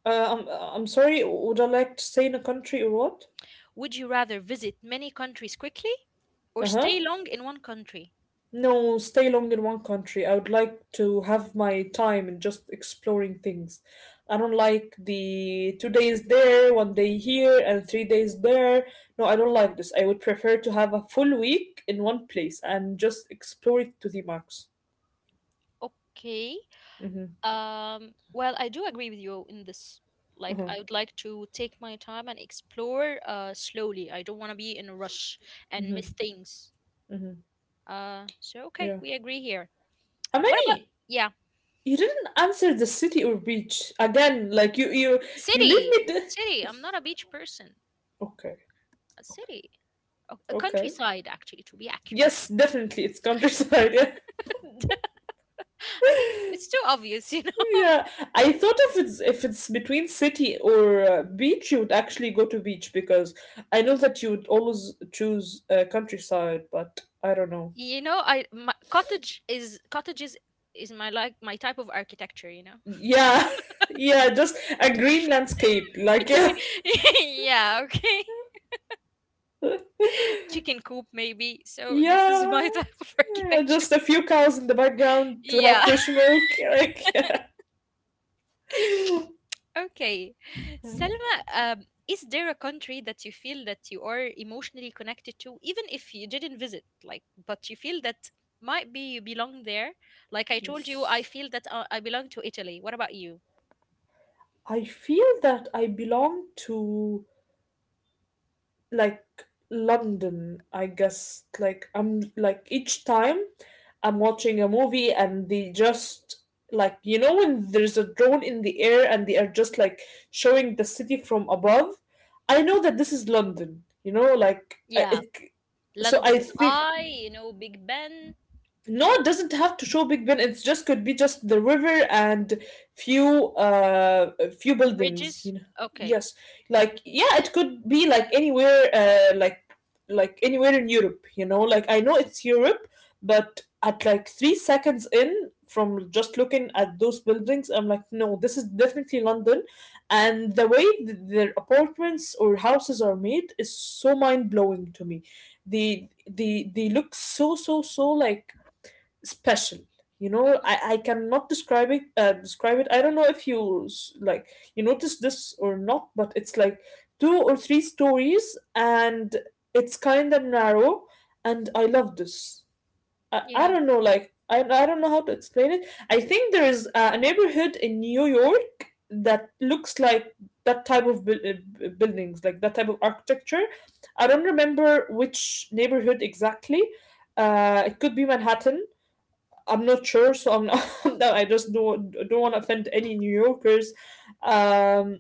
[SPEAKER 2] I'm sorry. Would I like to stay in a country or what?
[SPEAKER 1] Would you rather visit many countries quickly
[SPEAKER 2] Uh
[SPEAKER 1] or
[SPEAKER 2] huh.
[SPEAKER 1] stay long in one country?
[SPEAKER 2] No, stay long in one country. I would like to have my time and just exploring things. I don't like the 2 days there, one day here, and 3 days there. No, I don't like this. I would prefer to have a full week in one place and just explore it to the max.
[SPEAKER 1] Okay.
[SPEAKER 2] Mm-hmm.
[SPEAKER 1] Well, I do agree with you in this. Like,
[SPEAKER 2] Uh-huh.
[SPEAKER 1] I would like to take my time and explore slowly. I don't want to be in a rush and miss things.
[SPEAKER 2] Mm-hmm.
[SPEAKER 1] So, okay,
[SPEAKER 2] Yeah.
[SPEAKER 1] we agree here. What about,
[SPEAKER 2] Amani,
[SPEAKER 1] yeah,
[SPEAKER 2] you didn't answer the city or beach again. Like you leave
[SPEAKER 1] city?
[SPEAKER 2] me.
[SPEAKER 1] City. I'm not a beach person.
[SPEAKER 2] Okay.
[SPEAKER 1] A
[SPEAKER 2] Okay.
[SPEAKER 1] city. A
[SPEAKER 2] Okay.
[SPEAKER 1] countryside, actually, to be
[SPEAKER 2] Yes,
[SPEAKER 1] accurate.
[SPEAKER 2] definitely, it's countryside. [laughs]
[SPEAKER 1] [laughs] I think it's too obvious, you know? [laughs]
[SPEAKER 2] Yeah, I thought if it's between city or beach, you would actually go to beach because I know that you would always choose countryside, but I don't know.
[SPEAKER 1] You know, cottages is my like my type of architecture, you know.
[SPEAKER 2] Yeah, [laughs] yeah, just a green landscape, like, [laughs] yeah,
[SPEAKER 1] [laughs] Yeah, okay. Chicken coop, maybe. So this is
[SPEAKER 2] yeah,
[SPEAKER 1] my [laughs] type of architecture.
[SPEAKER 2] just a few cows in the background to
[SPEAKER 1] Yeah.
[SPEAKER 2] have fresh milk, [laughs] like.
[SPEAKER 1] [laughs]
[SPEAKER 2] [laughs]
[SPEAKER 1] Okay. Selma, is there a country that you feel that you are emotionally connected to, even if you didn't visit, like, but you feel that might be you belong there? Like I told you, I
[SPEAKER 2] Yes.
[SPEAKER 1] feel that I belong to Italy. What about you?
[SPEAKER 2] I feel that I belong to, like, London, I guess. Like, I'm like, each time I'm watching a movie and they just, like, you know when there's a drone in the air and they are just like showing the city from above. I know that this is London, you know, like
[SPEAKER 1] Yeah,
[SPEAKER 2] it. So I
[SPEAKER 1] London's
[SPEAKER 2] think
[SPEAKER 1] Eye, you know, Big Ben,
[SPEAKER 2] no, it doesn't have to show Big Ben. It's just could be just the river and few few buildings, you
[SPEAKER 1] bridges.
[SPEAKER 2] know.
[SPEAKER 1] Okay.
[SPEAKER 2] Yes. Like yeah, it could be like anywhere in Europe, you know. Like I know it's Europe, but at like 3 seconds in from just looking at those buildings, I'm like no, this is definitely London. And the way their apartments or houses are made is so mind-blowing to me. They look so so so like special, you know. i
[SPEAKER 1] Hmm,
[SPEAKER 2] i cannot describe it, describe it. I don't know if you like you notice this or not, but it's like two or three stories and it's kind of narrow, and I love this. I
[SPEAKER 1] yeah.
[SPEAKER 2] don't know, like I don't know how to explain it. I think there is a neighborhood in New York that looks like that type of buildings, like that type of architecture. I don't remember which neighborhood exactly. It could be Manhattan. I'm not sure, so I'm not. [laughs] No, I just don't want to offend any New Yorkers. Um,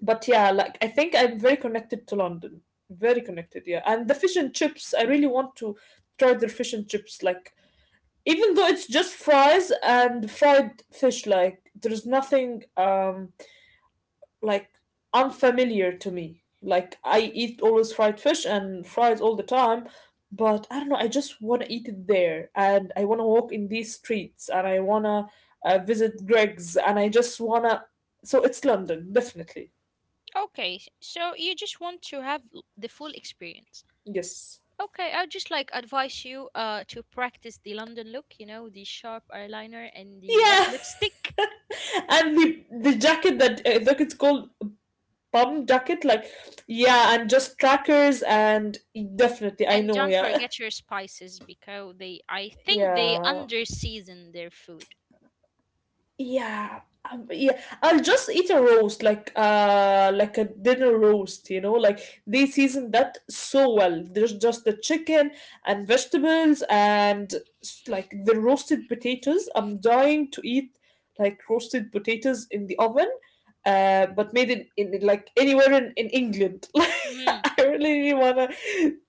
[SPEAKER 2] but yeah, like I think I'm very connected to London, very connected. Yeah, and the fish and chips, I really want to try their fish and chips. Like, even though it's just fries and fried fish, like there's nothing like unfamiliar to me. Like, I eat always fried fish and fries all the time, but I don't know. I just want to eat it there, and I want to walk in these streets, and I want to visit Greg's, and I just wanna. So it's London, definitely.
[SPEAKER 1] Okay. So you just want to have the full experience.
[SPEAKER 2] Yes.
[SPEAKER 1] Okay, I would just like advise you uh, to practice the London look, you know, the sharp eyeliner and the red
[SPEAKER 2] Yeah, [laughs]
[SPEAKER 1] lipstick.
[SPEAKER 2] and the jacket that I think it's called bum jacket, like, yeah, and just trackers, and definitely I
[SPEAKER 1] And
[SPEAKER 2] know.
[SPEAKER 1] don't
[SPEAKER 2] Yeah,
[SPEAKER 1] forget your spices because they I
[SPEAKER 2] [laughs]
[SPEAKER 1] think they
[SPEAKER 2] yeah.
[SPEAKER 1] under season their food.
[SPEAKER 2] Yeah, yeah. I'll just eat a roast, like a dinner roast. You know, like they season that so well. There's just the chicken and vegetables and like the roasted potatoes. I'm dying to eat like roasted potatoes in the oven, but made in like anywhere in England. [laughs]
[SPEAKER 1] Mm.
[SPEAKER 2] Like I really, really wanna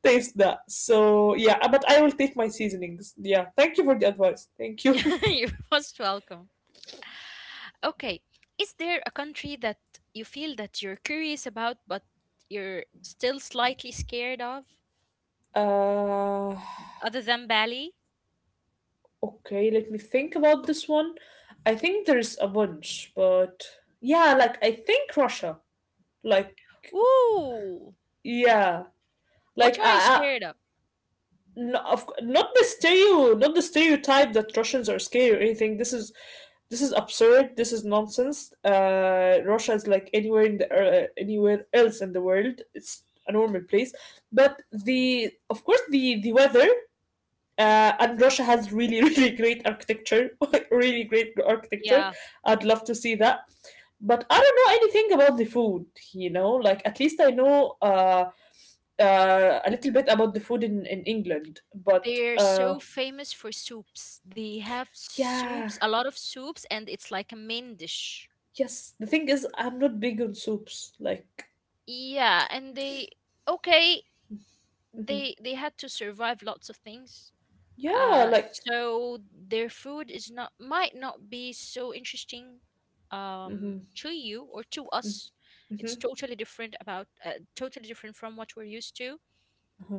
[SPEAKER 2] taste that. So yeah, but I will take my seasonings. Yeah, thank you for the advice. Thank you.
[SPEAKER 1] [laughs] You're most welcome. Okay. Is there a country that you feel that you're curious about, but you're still slightly scared of,
[SPEAKER 2] [laughs] Uh,
[SPEAKER 1] other than Bali?
[SPEAKER 2] Okay, let me think about this one. I think there's a bunch, but yeah, like I think Russia. Like,
[SPEAKER 1] Ooh.
[SPEAKER 2] yeah, like
[SPEAKER 1] What are you
[SPEAKER 2] I
[SPEAKER 1] scared of?
[SPEAKER 2] no, of, not the stereo, not the stereotype that Russians are scary or anything. This is absurd. This is nonsense. Russia is like anywhere in the anywhere else in the world. It's a normal place, but the of course the weather.
[SPEAKER 1] Mhm.
[SPEAKER 2] And Russia has really, [laughs] really great architecture, [laughs] really great architecture.
[SPEAKER 1] Yeah.
[SPEAKER 2] I'd love to see that. But I don't know anything about the food, you know. Like at least I know a little bit about the food in England. But
[SPEAKER 1] They're so famous for soups. They have
[SPEAKER 2] yeah,
[SPEAKER 1] soups, a lot of soups, and it's like a main dish.
[SPEAKER 2] yes. The thing is, I'm not big on soups. Like,
[SPEAKER 1] Yeah, and they okay,
[SPEAKER 2] mhm.
[SPEAKER 1] they had to survive lots of things,
[SPEAKER 2] Yeah, like,
[SPEAKER 1] so their food is not might not be so interesting um,
[SPEAKER 2] hmm.
[SPEAKER 1] to you or to us. It's
[SPEAKER 2] Hmm.
[SPEAKER 1] totally different about totally different from what we're used to.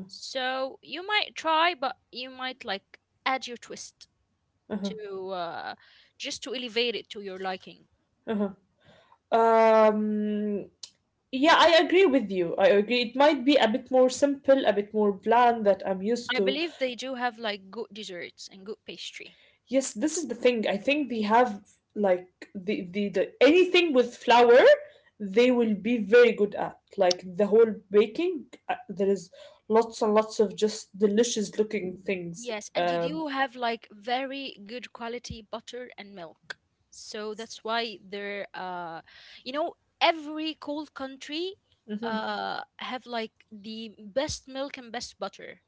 [SPEAKER 1] So you might try, but you might like add your twist
[SPEAKER 2] Uh-huh,
[SPEAKER 1] to just to elevate it to your liking.
[SPEAKER 2] uh-huh. Um, yeah, I agree with you. I agree. It might be a bit more simple, a bit more bland that I'm used
[SPEAKER 1] I
[SPEAKER 2] to.
[SPEAKER 1] believe they do have like good desserts and good pastry.
[SPEAKER 2] Yes, this is the thing. I think they have like the anything with flour, they will be very good at. Like the whole baking, there is lots and lots of just delicious looking things.
[SPEAKER 1] Yes, and you do have like very good quality butter and milk. So that's why they're you know, every cold country
[SPEAKER 2] Mhm.
[SPEAKER 1] have like the best milk and best butter.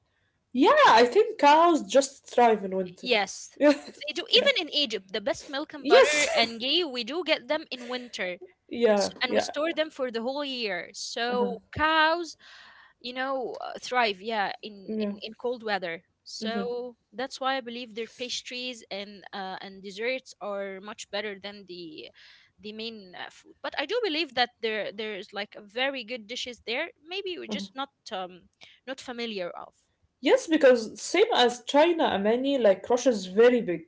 [SPEAKER 2] Yeah, I think cows just thrive in winter.
[SPEAKER 1] Yes.
[SPEAKER 2] [laughs] Yeah.
[SPEAKER 1] They do
[SPEAKER 2] Yeah,
[SPEAKER 1] even in Egypt, the best milk and butter
[SPEAKER 2] yes.
[SPEAKER 1] and ghee we do get them in winter.
[SPEAKER 2] [laughs] Yeah.
[SPEAKER 1] And we
[SPEAKER 2] Yeah.
[SPEAKER 1] store them for the whole year.
[SPEAKER 2] Uh-huh.
[SPEAKER 1] So cows thrive, yeah, in,
[SPEAKER 2] Yeah.
[SPEAKER 1] in cold weather.
[SPEAKER 2] Hmm.
[SPEAKER 1] So that's why I believe their pastries and desserts are much better than the main food. But I do believe that there's like a very good dishes there. Maybe we're
[SPEAKER 2] Uh-huh.
[SPEAKER 1] just not not familiar of.
[SPEAKER 2] Yes, because same as China, Amani, like Russia's very big,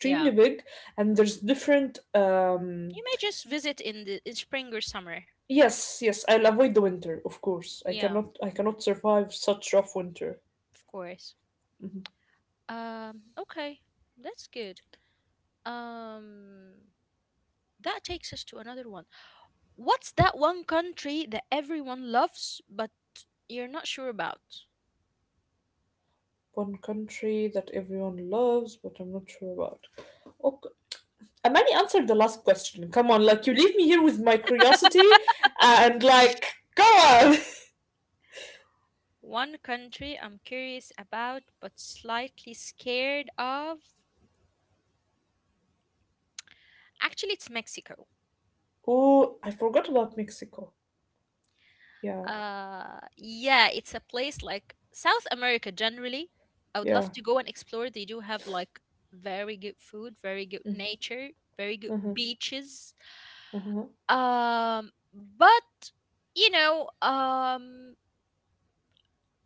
[SPEAKER 1] Yeah.
[SPEAKER 2] big, and there's different um.
[SPEAKER 1] You may just visit in the in spring or summer.
[SPEAKER 2] Yes, yes, I'll avoid the winter, of course. I
[SPEAKER 1] Yeah.
[SPEAKER 2] cannot I cannot survive such rough winter.
[SPEAKER 1] Of course.
[SPEAKER 2] Mhm.
[SPEAKER 1] Okay, that's good. um that takes us to another one. What's that one country that everyone loves but you're not sure about?
[SPEAKER 2] One country that everyone loves, but I'm not sure about. Okay. Amani answered the last question. Come on, like you leave me here with my curiosity and like go on. [laughs]
[SPEAKER 1] One country I'm curious about but slightly scared of? Actually, it's Mexico.
[SPEAKER 2] Oh, I forgot about Mexico. Yeah,
[SPEAKER 1] Yeah, it's a place like South America generally. I would
[SPEAKER 2] yeah.
[SPEAKER 1] love to go and explore. They do have like very good food, very good nature, very good
[SPEAKER 2] Uh-huh.
[SPEAKER 1] beaches.
[SPEAKER 2] Uh-huh.
[SPEAKER 1] But you know, um,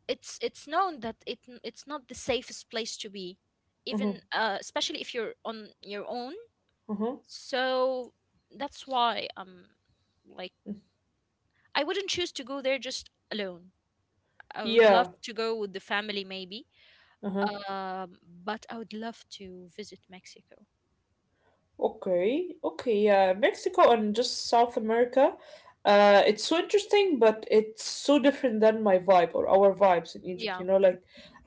[SPEAKER 1] it's known that it's not the safest place to be,
[SPEAKER 2] Uh-huh.
[SPEAKER 1] even especially if you're on your own.
[SPEAKER 2] Uh-huh.
[SPEAKER 1] So that's why, like I wouldn't choose to go there just alone. I would love
[SPEAKER 2] Yeah.
[SPEAKER 1] to go with the family maybe.
[SPEAKER 2] Uh-huh.
[SPEAKER 1] um but I would love to visit Mexico.
[SPEAKER 2] Okay, okay, yeah, Mexico and just South America. It's so interesting, but it's so different than my vibe or our vibes in Egypt,
[SPEAKER 1] Yeah.
[SPEAKER 2] you know, like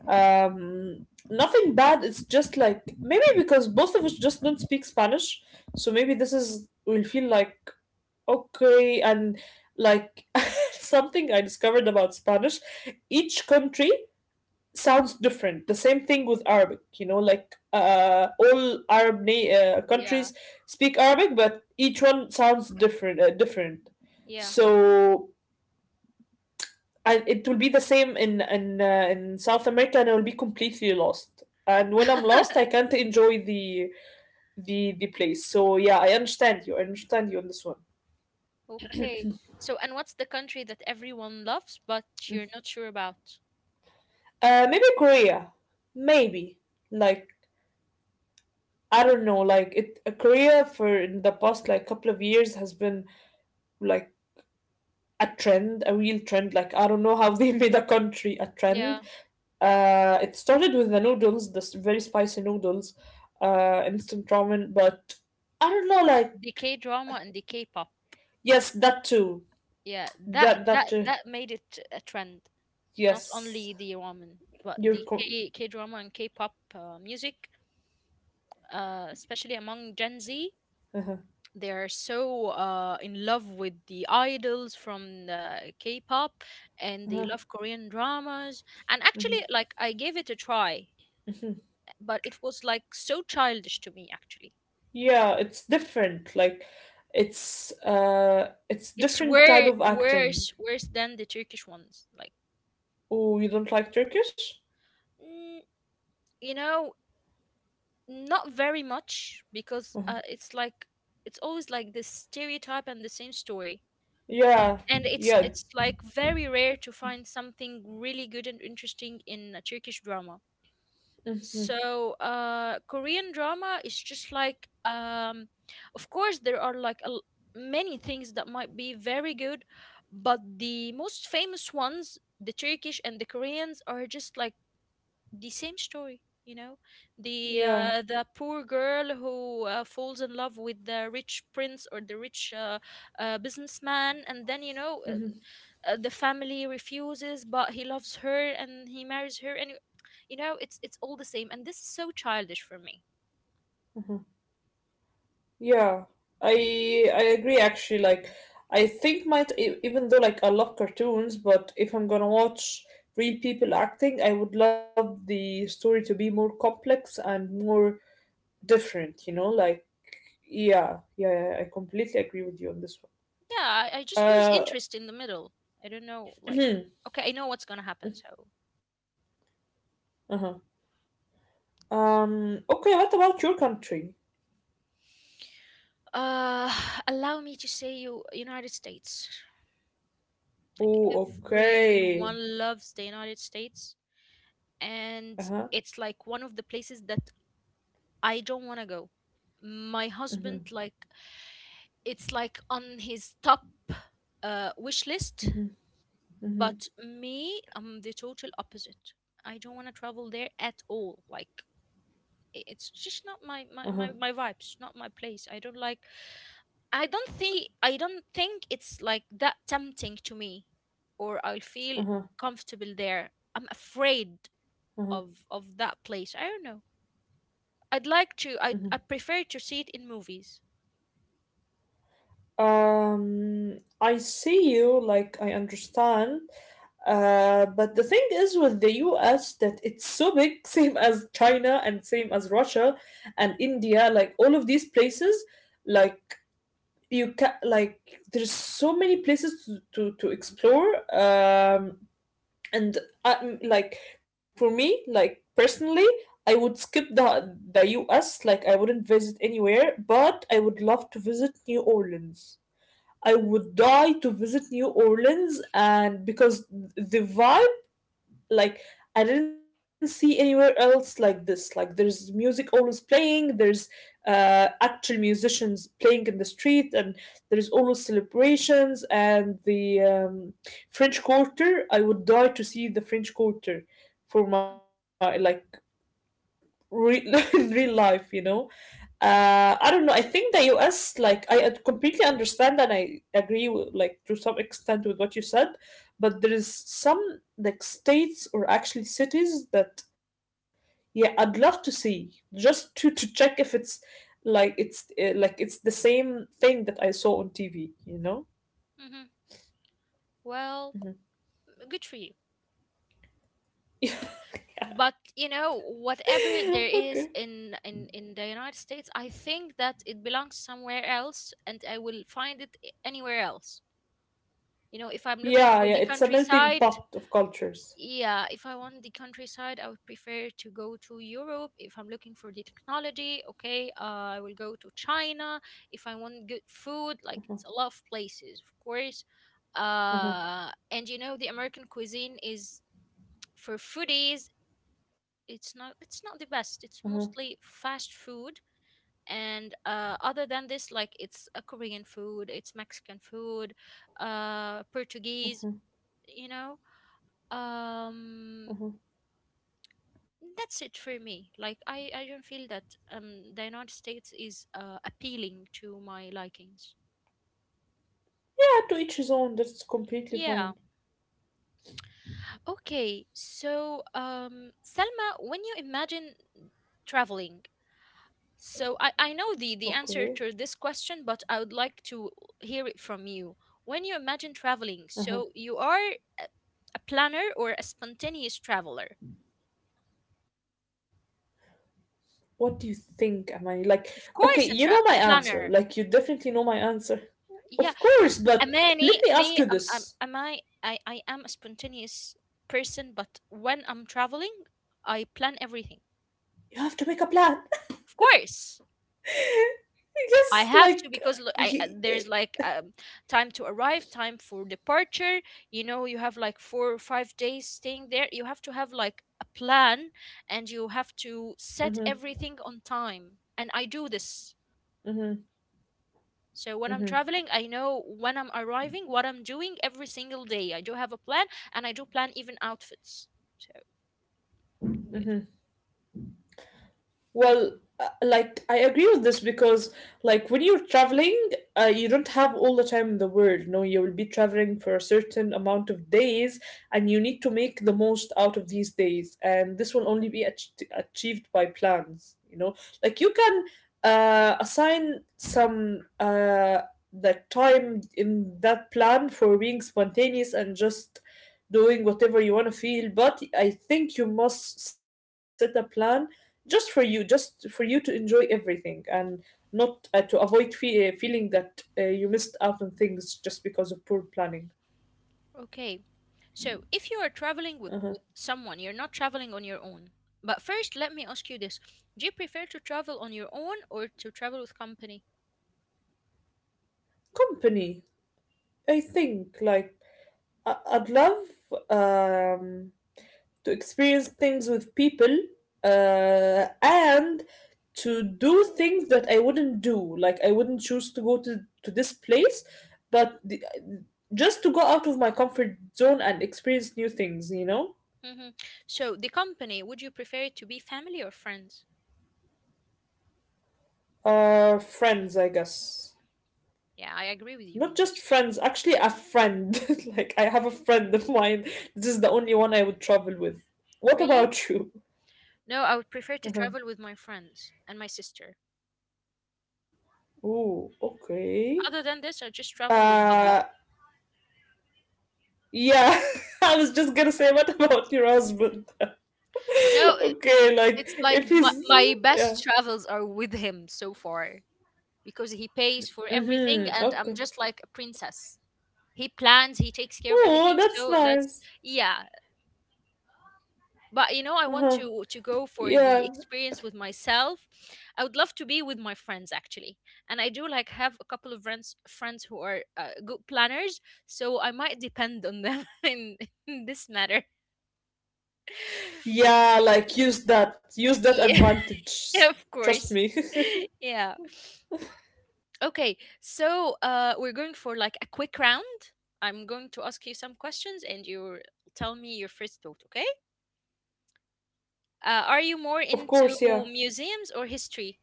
[SPEAKER 2] um, nothing bad. It's just like maybe because both of us just don't speak Spanish, so maybe this is we'll feel like okay, and like [laughs] something I discovered about Spanish, each country sounds different. The same thing with Arabic, you know, like all Arab
[SPEAKER 1] Yeah.
[SPEAKER 2] countries speak Arabic, but each one sounds different. Different.
[SPEAKER 1] Yeah.
[SPEAKER 2] So, and it will be the same in in South America, and I will be completely lost. And when
[SPEAKER 1] [laughs]
[SPEAKER 2] I'm lost, I can't enjoy the the place. So yeah, I understand you. I understand you on this one.
[SPEAKER 1] Okay. So, and what's the country that everyone loves but you're not sure about?
[SPEAKER 2] Maybe Korea, maybe like I don't know. Like it, Korea for in the past like couple of years has been like a trend, a real trend. Like I don't know how they [laughs] made a country a
[SPEAKER 1] Yeah,
[SPEAKER 2] trend. It started with the noodles, the very spicy noodles, instant ramen. But I don't know, like
[SPEAKER 1] the K drama and the K-pop.
[SPEAKER 2] yes, that too.
[SPEAKER 1] Yeah, that
[SPEAKER 2] That that
[SPEAKER 1] that
[SPEAKER 2] too.
[SPEAKER 1] that made it a trend. Not
[SPEAKER 2] Yes,
[SPEAKER 1] only the ramen, but
[SPEAKER 2] you're.
[SPEAKER 1] the
[SPEAKER 2] Co-
[SPEAKER 1] K drama and K-pop music, especially among Gen Z.
[SPEAKER 2] uh
[SPEAKER 1] They are so in love with the idols from the K-pop, and they love Korean dramas. And actually, like I gave it a try, but it was like so childish to me, actually.
[SPEAKER 2] Yeah, it's different. Like, it's
[SPEAKER 1] It's
[SPEAKER 2] different type
[SPEAKER 1] way
[SPEAKER 2] of acting.
[SPEAKER 1] worse than the Turkish ones. Like,
[SPEAKER 2] Oh, you don't like Turkish?
[SPEAKER 1] mm, you know, not very much because it's like it's always like this stereotype and the same story.
[SPEAKER 2] Yeah,
[SPEAKER 1] And it's
[SPEAKER 2] yeah,
[SPEAKER 1] it's like very rare to find something really good and interesting in a Turkish drama.
[SPEAKER 2] hmm.
[SPEAKER 1] So, Korean drama is just like, of course, there are like many things that might be very good, but the most famous ones, the Turkish and the Koreans, are just like the same story, you know,
[SPEAKER 2] Yeah.
[SPEAKER 1] the poor girl who falls in love with the rich prince or the rich businessman. And then, you know,
[SPEAKER 2] Mm-hmm.
[SPEAKER 1] the family refuses but he loves her and he marries her and you know, it's all the same. And this is so childish for me.
[SPEAKER 2] Yeah, I agree actually. Like, I think might even though like I love cartoons, but if I'm gonna watch real people acting, I would love the story to be more complex and more different. You know, like yeah, yeah, yeah, I completely agree with you on this
[SPEAKER 1] Yeah, I
[SPEAKER 2] one.
[SPEAKER 1] just lose interest in the middle. I don't know, like,
[SPEAKER 2] [clears throat]
[SPEAKER 1] okay, I know what's gonna happen. So
[SPEAKER 2] Uh-huh. Okay. What about your country?
[SPEAKER 1] Uh, [sighs] allow me to say you United States. Like
[SPEAKER 2] Oh, okay.
[SPEAKER 1] everyone loves the United States,
[SPEAKER 2] Uh huh.
[SPEAKER 1] and it's like one of the places that I don't want to go. My
[SPEAKER 2] Uh huh.
[SPEAKER 1] husband, like, it's like on his top wish list, but me, I'm the total opposite. I don't want to travel there at all. Like, it's just not my,
[SPEAKER 2] Uh huh.
[SPEAKER 1] my, my, my vibes, not my place. I don't like. I don't think it's like that tempting to me, or I'll feel
[SPEAKER 2] Uh huh.
[SPEAKER 1] comfortable there. I'm afraid
[SPEAKER 2] Uh
[SPEAKER 1] of that place. I don't know. I'd like to
[SPEAKER 2] huh.
[SPEAKER 1] I prefer to see it in movies.
[SPEAKER 2] I see you, like I understand. But the thing is with the US that it's so big, [laughs] same as China and same as Russia and India, like all of these places, like you can like there's so many places to, explore. Um, and I, like for me, like personally, I would skip the US, like I wouldn't visit anywhere, but I would love to visit New Orleans. I would die to visit New Orleans and because the vibe like I didn't see anywhere else like this. Like there's music always playing, there's actual musicians playing in the street, and there's always celebrations and the French Quarter. I would die to see the French Quarter for my like [laughs] in real life, you know. I don't know, I think the US, like I completely understand and I agree with, like, to some extent with what you said, but there is some like states or actually cities that yeah I'd love to see just to check if it's like it's like it's the same thing that I saw on TV, you know.
[SPEAKER 1] Hmm. Well,
[SPEAKER 2] Mhm.
[SPEAKER 1] good for you. But you know,
[SPEAKER 2] [laughs]
[SPEAKER 1] whatever there
[SPEAKER 2] Okay.
[SPEAKER 1] is in, in the United States, I think that it belongs somewhere else, and I will find it anywhere else. You know, if I'm looking
[SPEAKER 2] Yeah,
[SPEAKER 1] for
[SPEAKER 2] yeah,
[SPEAKER 1] the
[SPEAKER 2] it's a melting
[SPEAKER 1] countryside,
[SPEAKER 2] pot of cultures.
[SPEAKER 1] yeah, if I want the countryside, I would prefer to go to Europe. If I'm looking for the technology, okay, I will go to China. If I want good food, like, it's a lot of places, of course.
[SPEAKER 2] Uh-huh,
[SPEAKER 1] And you know, the American cuisine is for foodies, it's not, it's not the
[SPEAKER 2] uh-huh,
[SPEAKER 1] best. It's mostly fast food. And other than this, like, it's a Korean food, it's Mexican food, Portuguese, you know. um
[SPEAKER 2] uh-huh.
[SPEAKER 1] that's it for me. Like, I don't feel that the United States is appealing to my likings.
[SPEAKER 2] Yeah, to each his own. That's completely
[SPEAKER 1] Yeah.
[SPEAKER 2] fine.
[SPEAKER 1] Okay, so Selma, when you imagine traveling, so I know the
[SPEAKER 2] Okay.
[SPEAKER 1] the answer to this question, but I would like to hear it from you. When you imagine traveling,
[SPEAKER 2] Uh-huh.
[SPEAKER 1] so you are a, a planner or a spontaneous traveler?
[SPEAKER 2] What do you think, Amani? Like, okay,
[SPEAKER 1] Of
[SPEAKER 2] you know my
[SPEAKER 1] course, a
[SPEAKER 2] answer. Like, you
[SPEAKER 1] planner.
[SPEAKER 2] definitely know my answer. Of
[SPEAKER 1] Yeah,
[SPEAKER 2] course, but let me
[SPEAKER 1] Amani,
[SPEAKER 2] ask you
[SPEAKER 1] me,
[SPEAKER 2] this.
[SPEAKER 1] I am a spontaneous person, but when I'm traveling, I plan everything.
[SPEAKER 2] You have to make a plan.
[SPEAKER 1] Of course,
[SPEAKER 2] [laughs]
[SPEAKER 1] I
[SPEAKER 2] Yes,
[SPEAKER 1] have to
[SPEAKER 2] like
[SPEAKER 1] because look, I,
[SPEAKER 2] you.
[SPEAKER 1] there's like time to arrive, time for departure. You know, you have like 4 or 5 days staying there. You have to have like a plan, and you have to set
[SPEAKER 2] Mm-hmm,
[SPEAKER 1] everything on time. And I do this.
[SPEAKER 2] mm-hmm,
[SPEAKER 1] So when I'm
[SPEAKER 2] mm-hmm.
[SPEAKER 1] traveling, I know when I'm arriving, what I'm doing every single day. I do have a plan, and I do plan even outfits. So good.
[SPEAKER 2] Well, like I agree with this because like when you're traveling, you don't have all the time in the world. No, you will be traveling for a certain amount of days, and you need to make the most out of these days. And this will only be achieved by plans. You know, like you can assign some the time in that plan for being spontaneous and just doing whatever you want to feel. But I think you must set a plan just for you, just for you to enjoy everything and not to avoid feeling that you missed out on things just because of poor planning.
[SPEAKER 1] Okay. So if you are traveling
[SPEAKER 2] Uh-huh.
[SPEAKER 1] with someone, you're not traveling on your own. But first, let me ask you this. Do you prefer to travel on your own or to travel with company?
[SPEAKER 2] Company. I think, like, I- I'd love um, to experience things with people and to do things that I wouldn't do, like I wouldn't choose to go to this place, but the, just to go out of my comfort zone and experience new things, you know.
[SPEAKER 1] Hmm. So the company, would you prefer it to be family or friends?
[SPEAKER 2] Friends, I guess.
[SPEAKER 1] Yeah, I agree with you
[SPEAKER 2] Not
[SPEAKER 1] on
[SPEAKER 2] just
[SPEAKER 1] this.
[SPEAKER 2] friends, actually, a friend. [laughs] Like, I have a friend of mine. This is the only one I would travel with. What
[SPEAKER 1] Really?
[SPEAKER 2] about you?
[SPEAKER 1] No, I would prefer to
[SPEAKER 2] [laughs]
[SPEAKER 1] travel with my friends and my sister.
[SPEAKER 2] Oh, okay.
[SPEAKER 1] Other than this, I just travel with hubby.
[SPEAKER 2] Uh, yeah, [laughs] I was just gonna say, what about your husband? [laughs]
[SPEAKER 1] No,
[SPEAKER 2] Okay, like,
[SPEAKER 1] it's
[SPEAKER 2] if
[SPEAKER 1] like my,
[SPEAKER 2] he's.
[SPEAKER 1] my
[SPEAKER 2] Yeah.
[SPEAKER 1] best travels are with him so far because he pays for everything
[SPEAKER 2] Mm-hmm.
[SPEAKER 1] and I'm
[SPEAKER 2] Okay.
[SPEAKER 1] just like a princess. He plans, he takes care of
[SPEAKER 2] Oh,
[SPEAKER 1] everything.
[SPEAKER 2] that's
[SPEAKER 1] So that's
[SPEAKER 2] nice.
[SPEAKER 1] yeah. But you know, I want
[SPEAKER 2] Uh-huh.
[SPEAKER 1] to go for the
[SPEAKER 2] Yeah.
[SPEAKER 1] experience with myself. I would love to be with my friends actually. And I do like have a couple of friends who are good planners, so I might depend on them [laughs] in this matter. [laughs]
[SPEAKER 2] Yeah, like, use that. Use that
[SPEAKER 1] Yeah.
[SPEAKER 2] advantage.
[SPEAKER 1] [laughs] Of course.
[SPEAKER 2] Trust me.
[SPEAKER 1] [laughs] Yeah. Okay, so we're going for like a quick round. I'm going to ask you some questions and you tell me your first thought, okay? Are you more
[SPEAKER 2] [laughs] Of course,
[SPEAKER 1] into
[SPEAKER 2] yeah.
[SPEAKER 1] museums or history?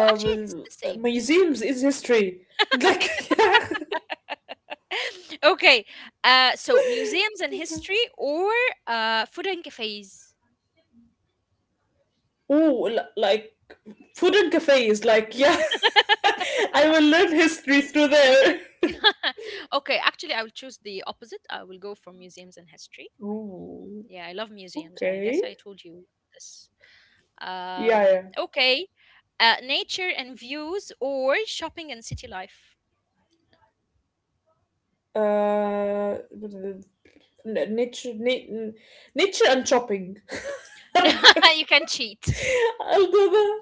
[SPEAKER 1] Oh, actually, it's the same.
[SPEAKER 2] museums is history. Like, [laughs] yeah.
[SPEAKER 1] [laughs] Okay, so museums and
[SPEAKER 2] Okay.
[SPEAKER 1] history or food and cafes?
[SPEAKER 2] Oh, like food and cafes. Like, yeah. [laughs] I will learn history through there. [laughs]
[SPEAKER 1] [laughs] Okay, actually, I will choose the opposite. I will go for museums and history.
[SPEAKER 2] Ooh,
[SPEAKER 1] Yeah, I love museums. I guess
[SPEAKER 2] okay.
[SPEAKER 1] I told you this.
[SPEAKER 2] Yeah,
[SPEAKER 1] Okay, nature and views or shopping and city life.
[SPEAKER 2] yeah. N- nature, na- nature and shopping. [laughs]
[SPEAKER 1] [laughs] No,
[SPEAKER 2] Like,
[SPEAKER 1] you can cheat.
[SPEAKER 2] I'll do the.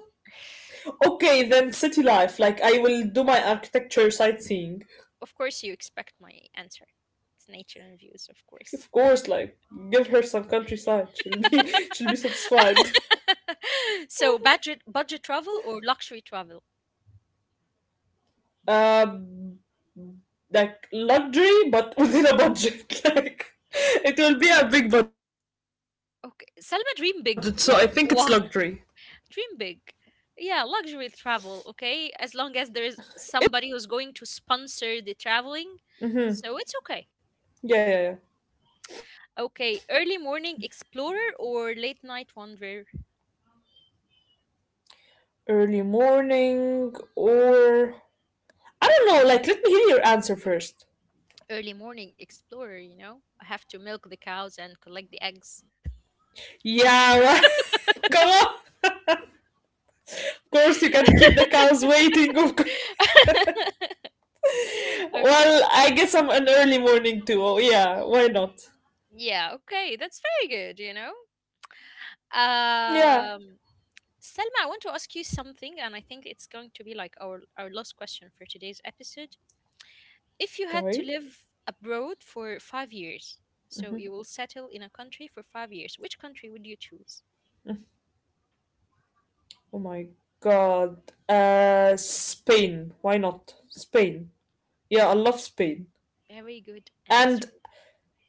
[SPEAKER 2] Okay, then city life. Like, I will do my architecture sightseeing.
[SPEAKER 1] Of course, you expect my answer. It's nature and views, of course.
[SPEAKER 2] Of course, like give her some countryside. She'll be [laughs] she'll be satisfied.
[SPEAKER 1] [laughs] So budget travel or luxury travel?
[SPEAKER 2] Um, like luxury, but [laughs] within a budget. [laughs] Like, it will be a big budget, so I think it's
[SPEAKER 1] Okay,
[SPEAKER 2] luxury.
[SPEAKER 1] Selma, dream big. Like what? [laughs] Dream big. Yeah,
[SPEAKER 2] It's
[SPEAKER 1] luxury
[SPEAKER 2] luxury
[SPEAKER 1] travel.
[SPEAKER 2] here.
[SPEAKER 1] Okay,
[SPEAKER 2] It's
[SPEAKER 1] as long as there
[SPEAKER 2] luxury.
[SPEAKER 1] is somebody who's
[SPEAKER 2] Yeah.
[SPEAKER 1] going to sponsor the traveling, so it's okay.
[SPEAKER 2] Mm-hmm. Yeah, yeah, yeah.
[SPEAKER 1] Okay, early morning explorer or late night wanderer?
[SPEAKER 2] Early morning or I don't know. Like, let me hear your answer first.
[SPEAKER 1] Early morning explorer, you know? I have to milk the cows and collect the eggs. [laughs]
[SPEAKER 2] Yeah. [laughs] Come on. Of course, you can't keep the cows waiting. Of course.
[SPEAKER 1] Okay.
[SPEAKER 2] Well, I guess I'm an early morning duo. Yeah, why not?
[SPEAKER 1] Yeah, okay. That's very good, you know?
[SPEAKER 2] Yeah.
[SPEAKER 1] Um, Selma, I want to ask you something, and I think it's going to be like our last question for today's episode. If you had
[SPEAKER 2] Okay.
[SPEAKER 1] to live abroad for 5 years, so you will settle in a country for 5 years, which country would you choose?
[SPEAKER 2] Oh my god. Spain. Why not? Spain. Yeah, I love Spain.
[SPEAKER 1] Very good
[SPEAKER 2] And
[SPEAKER 1] answer.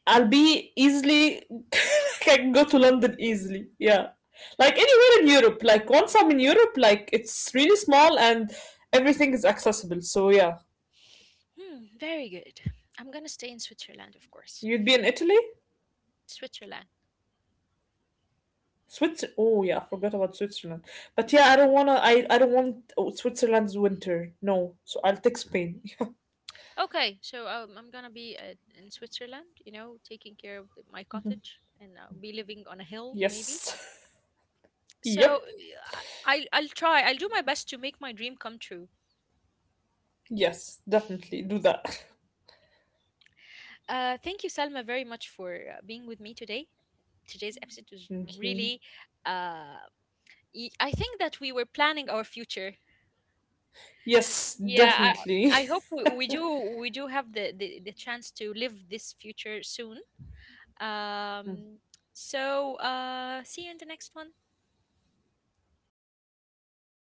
[SPEAKER 2] I'll be easily. [laughs] I can go to London easily. Yeah. Like anywhere in Europe. Like once I'm in Europe, like it's really small and everything is accessible. So yeah.
[SPEAKER 1] Hmm, very good. I'm gonna stay in Switzerland, of course.
[SPEAKER 2] You'd be in Italy?
[SPEAKER 1] Switzerland.
[SPEAKER 2] Switzer. Oh yeah, I forgot about Switzerland. But yeah, I don't wanna. I don't want oh, Switzerland's winter. No, so I'll take Spain. [laughs]
[SPEAKER 1] Okay, so I'm gonna be at, in Switzerland, you know, taking care of the, my cottage, and I'll be living on a hill, maybe.
[SPEAKER 2] Yes. [laughs]
[SPEAKER 1] So
[SPEAKER 2] Yep.
[SPEAKER 1] I'll try. I'll do my best to make my dream come true.
[SPEAKER 2] Yes, definitely do that.
[SPEAKER 1] Thank you, Salma, very much for being with me today. Today's episode was
[SPEAKER 2] [laughs] Thank you.
[SPEAKER 1] really. Uh, I think that we were planning our future.
[SPEAKER 2] Yes,
[SPEAKER 1] Yeah,
[SPEAKER 2] definitely.
[SPEAKER 1] I hope we do have the, the chance to live this future soon.
[SPEAKER 2] [laughs]
[SPEAKER 1] Um, so see you in the next one.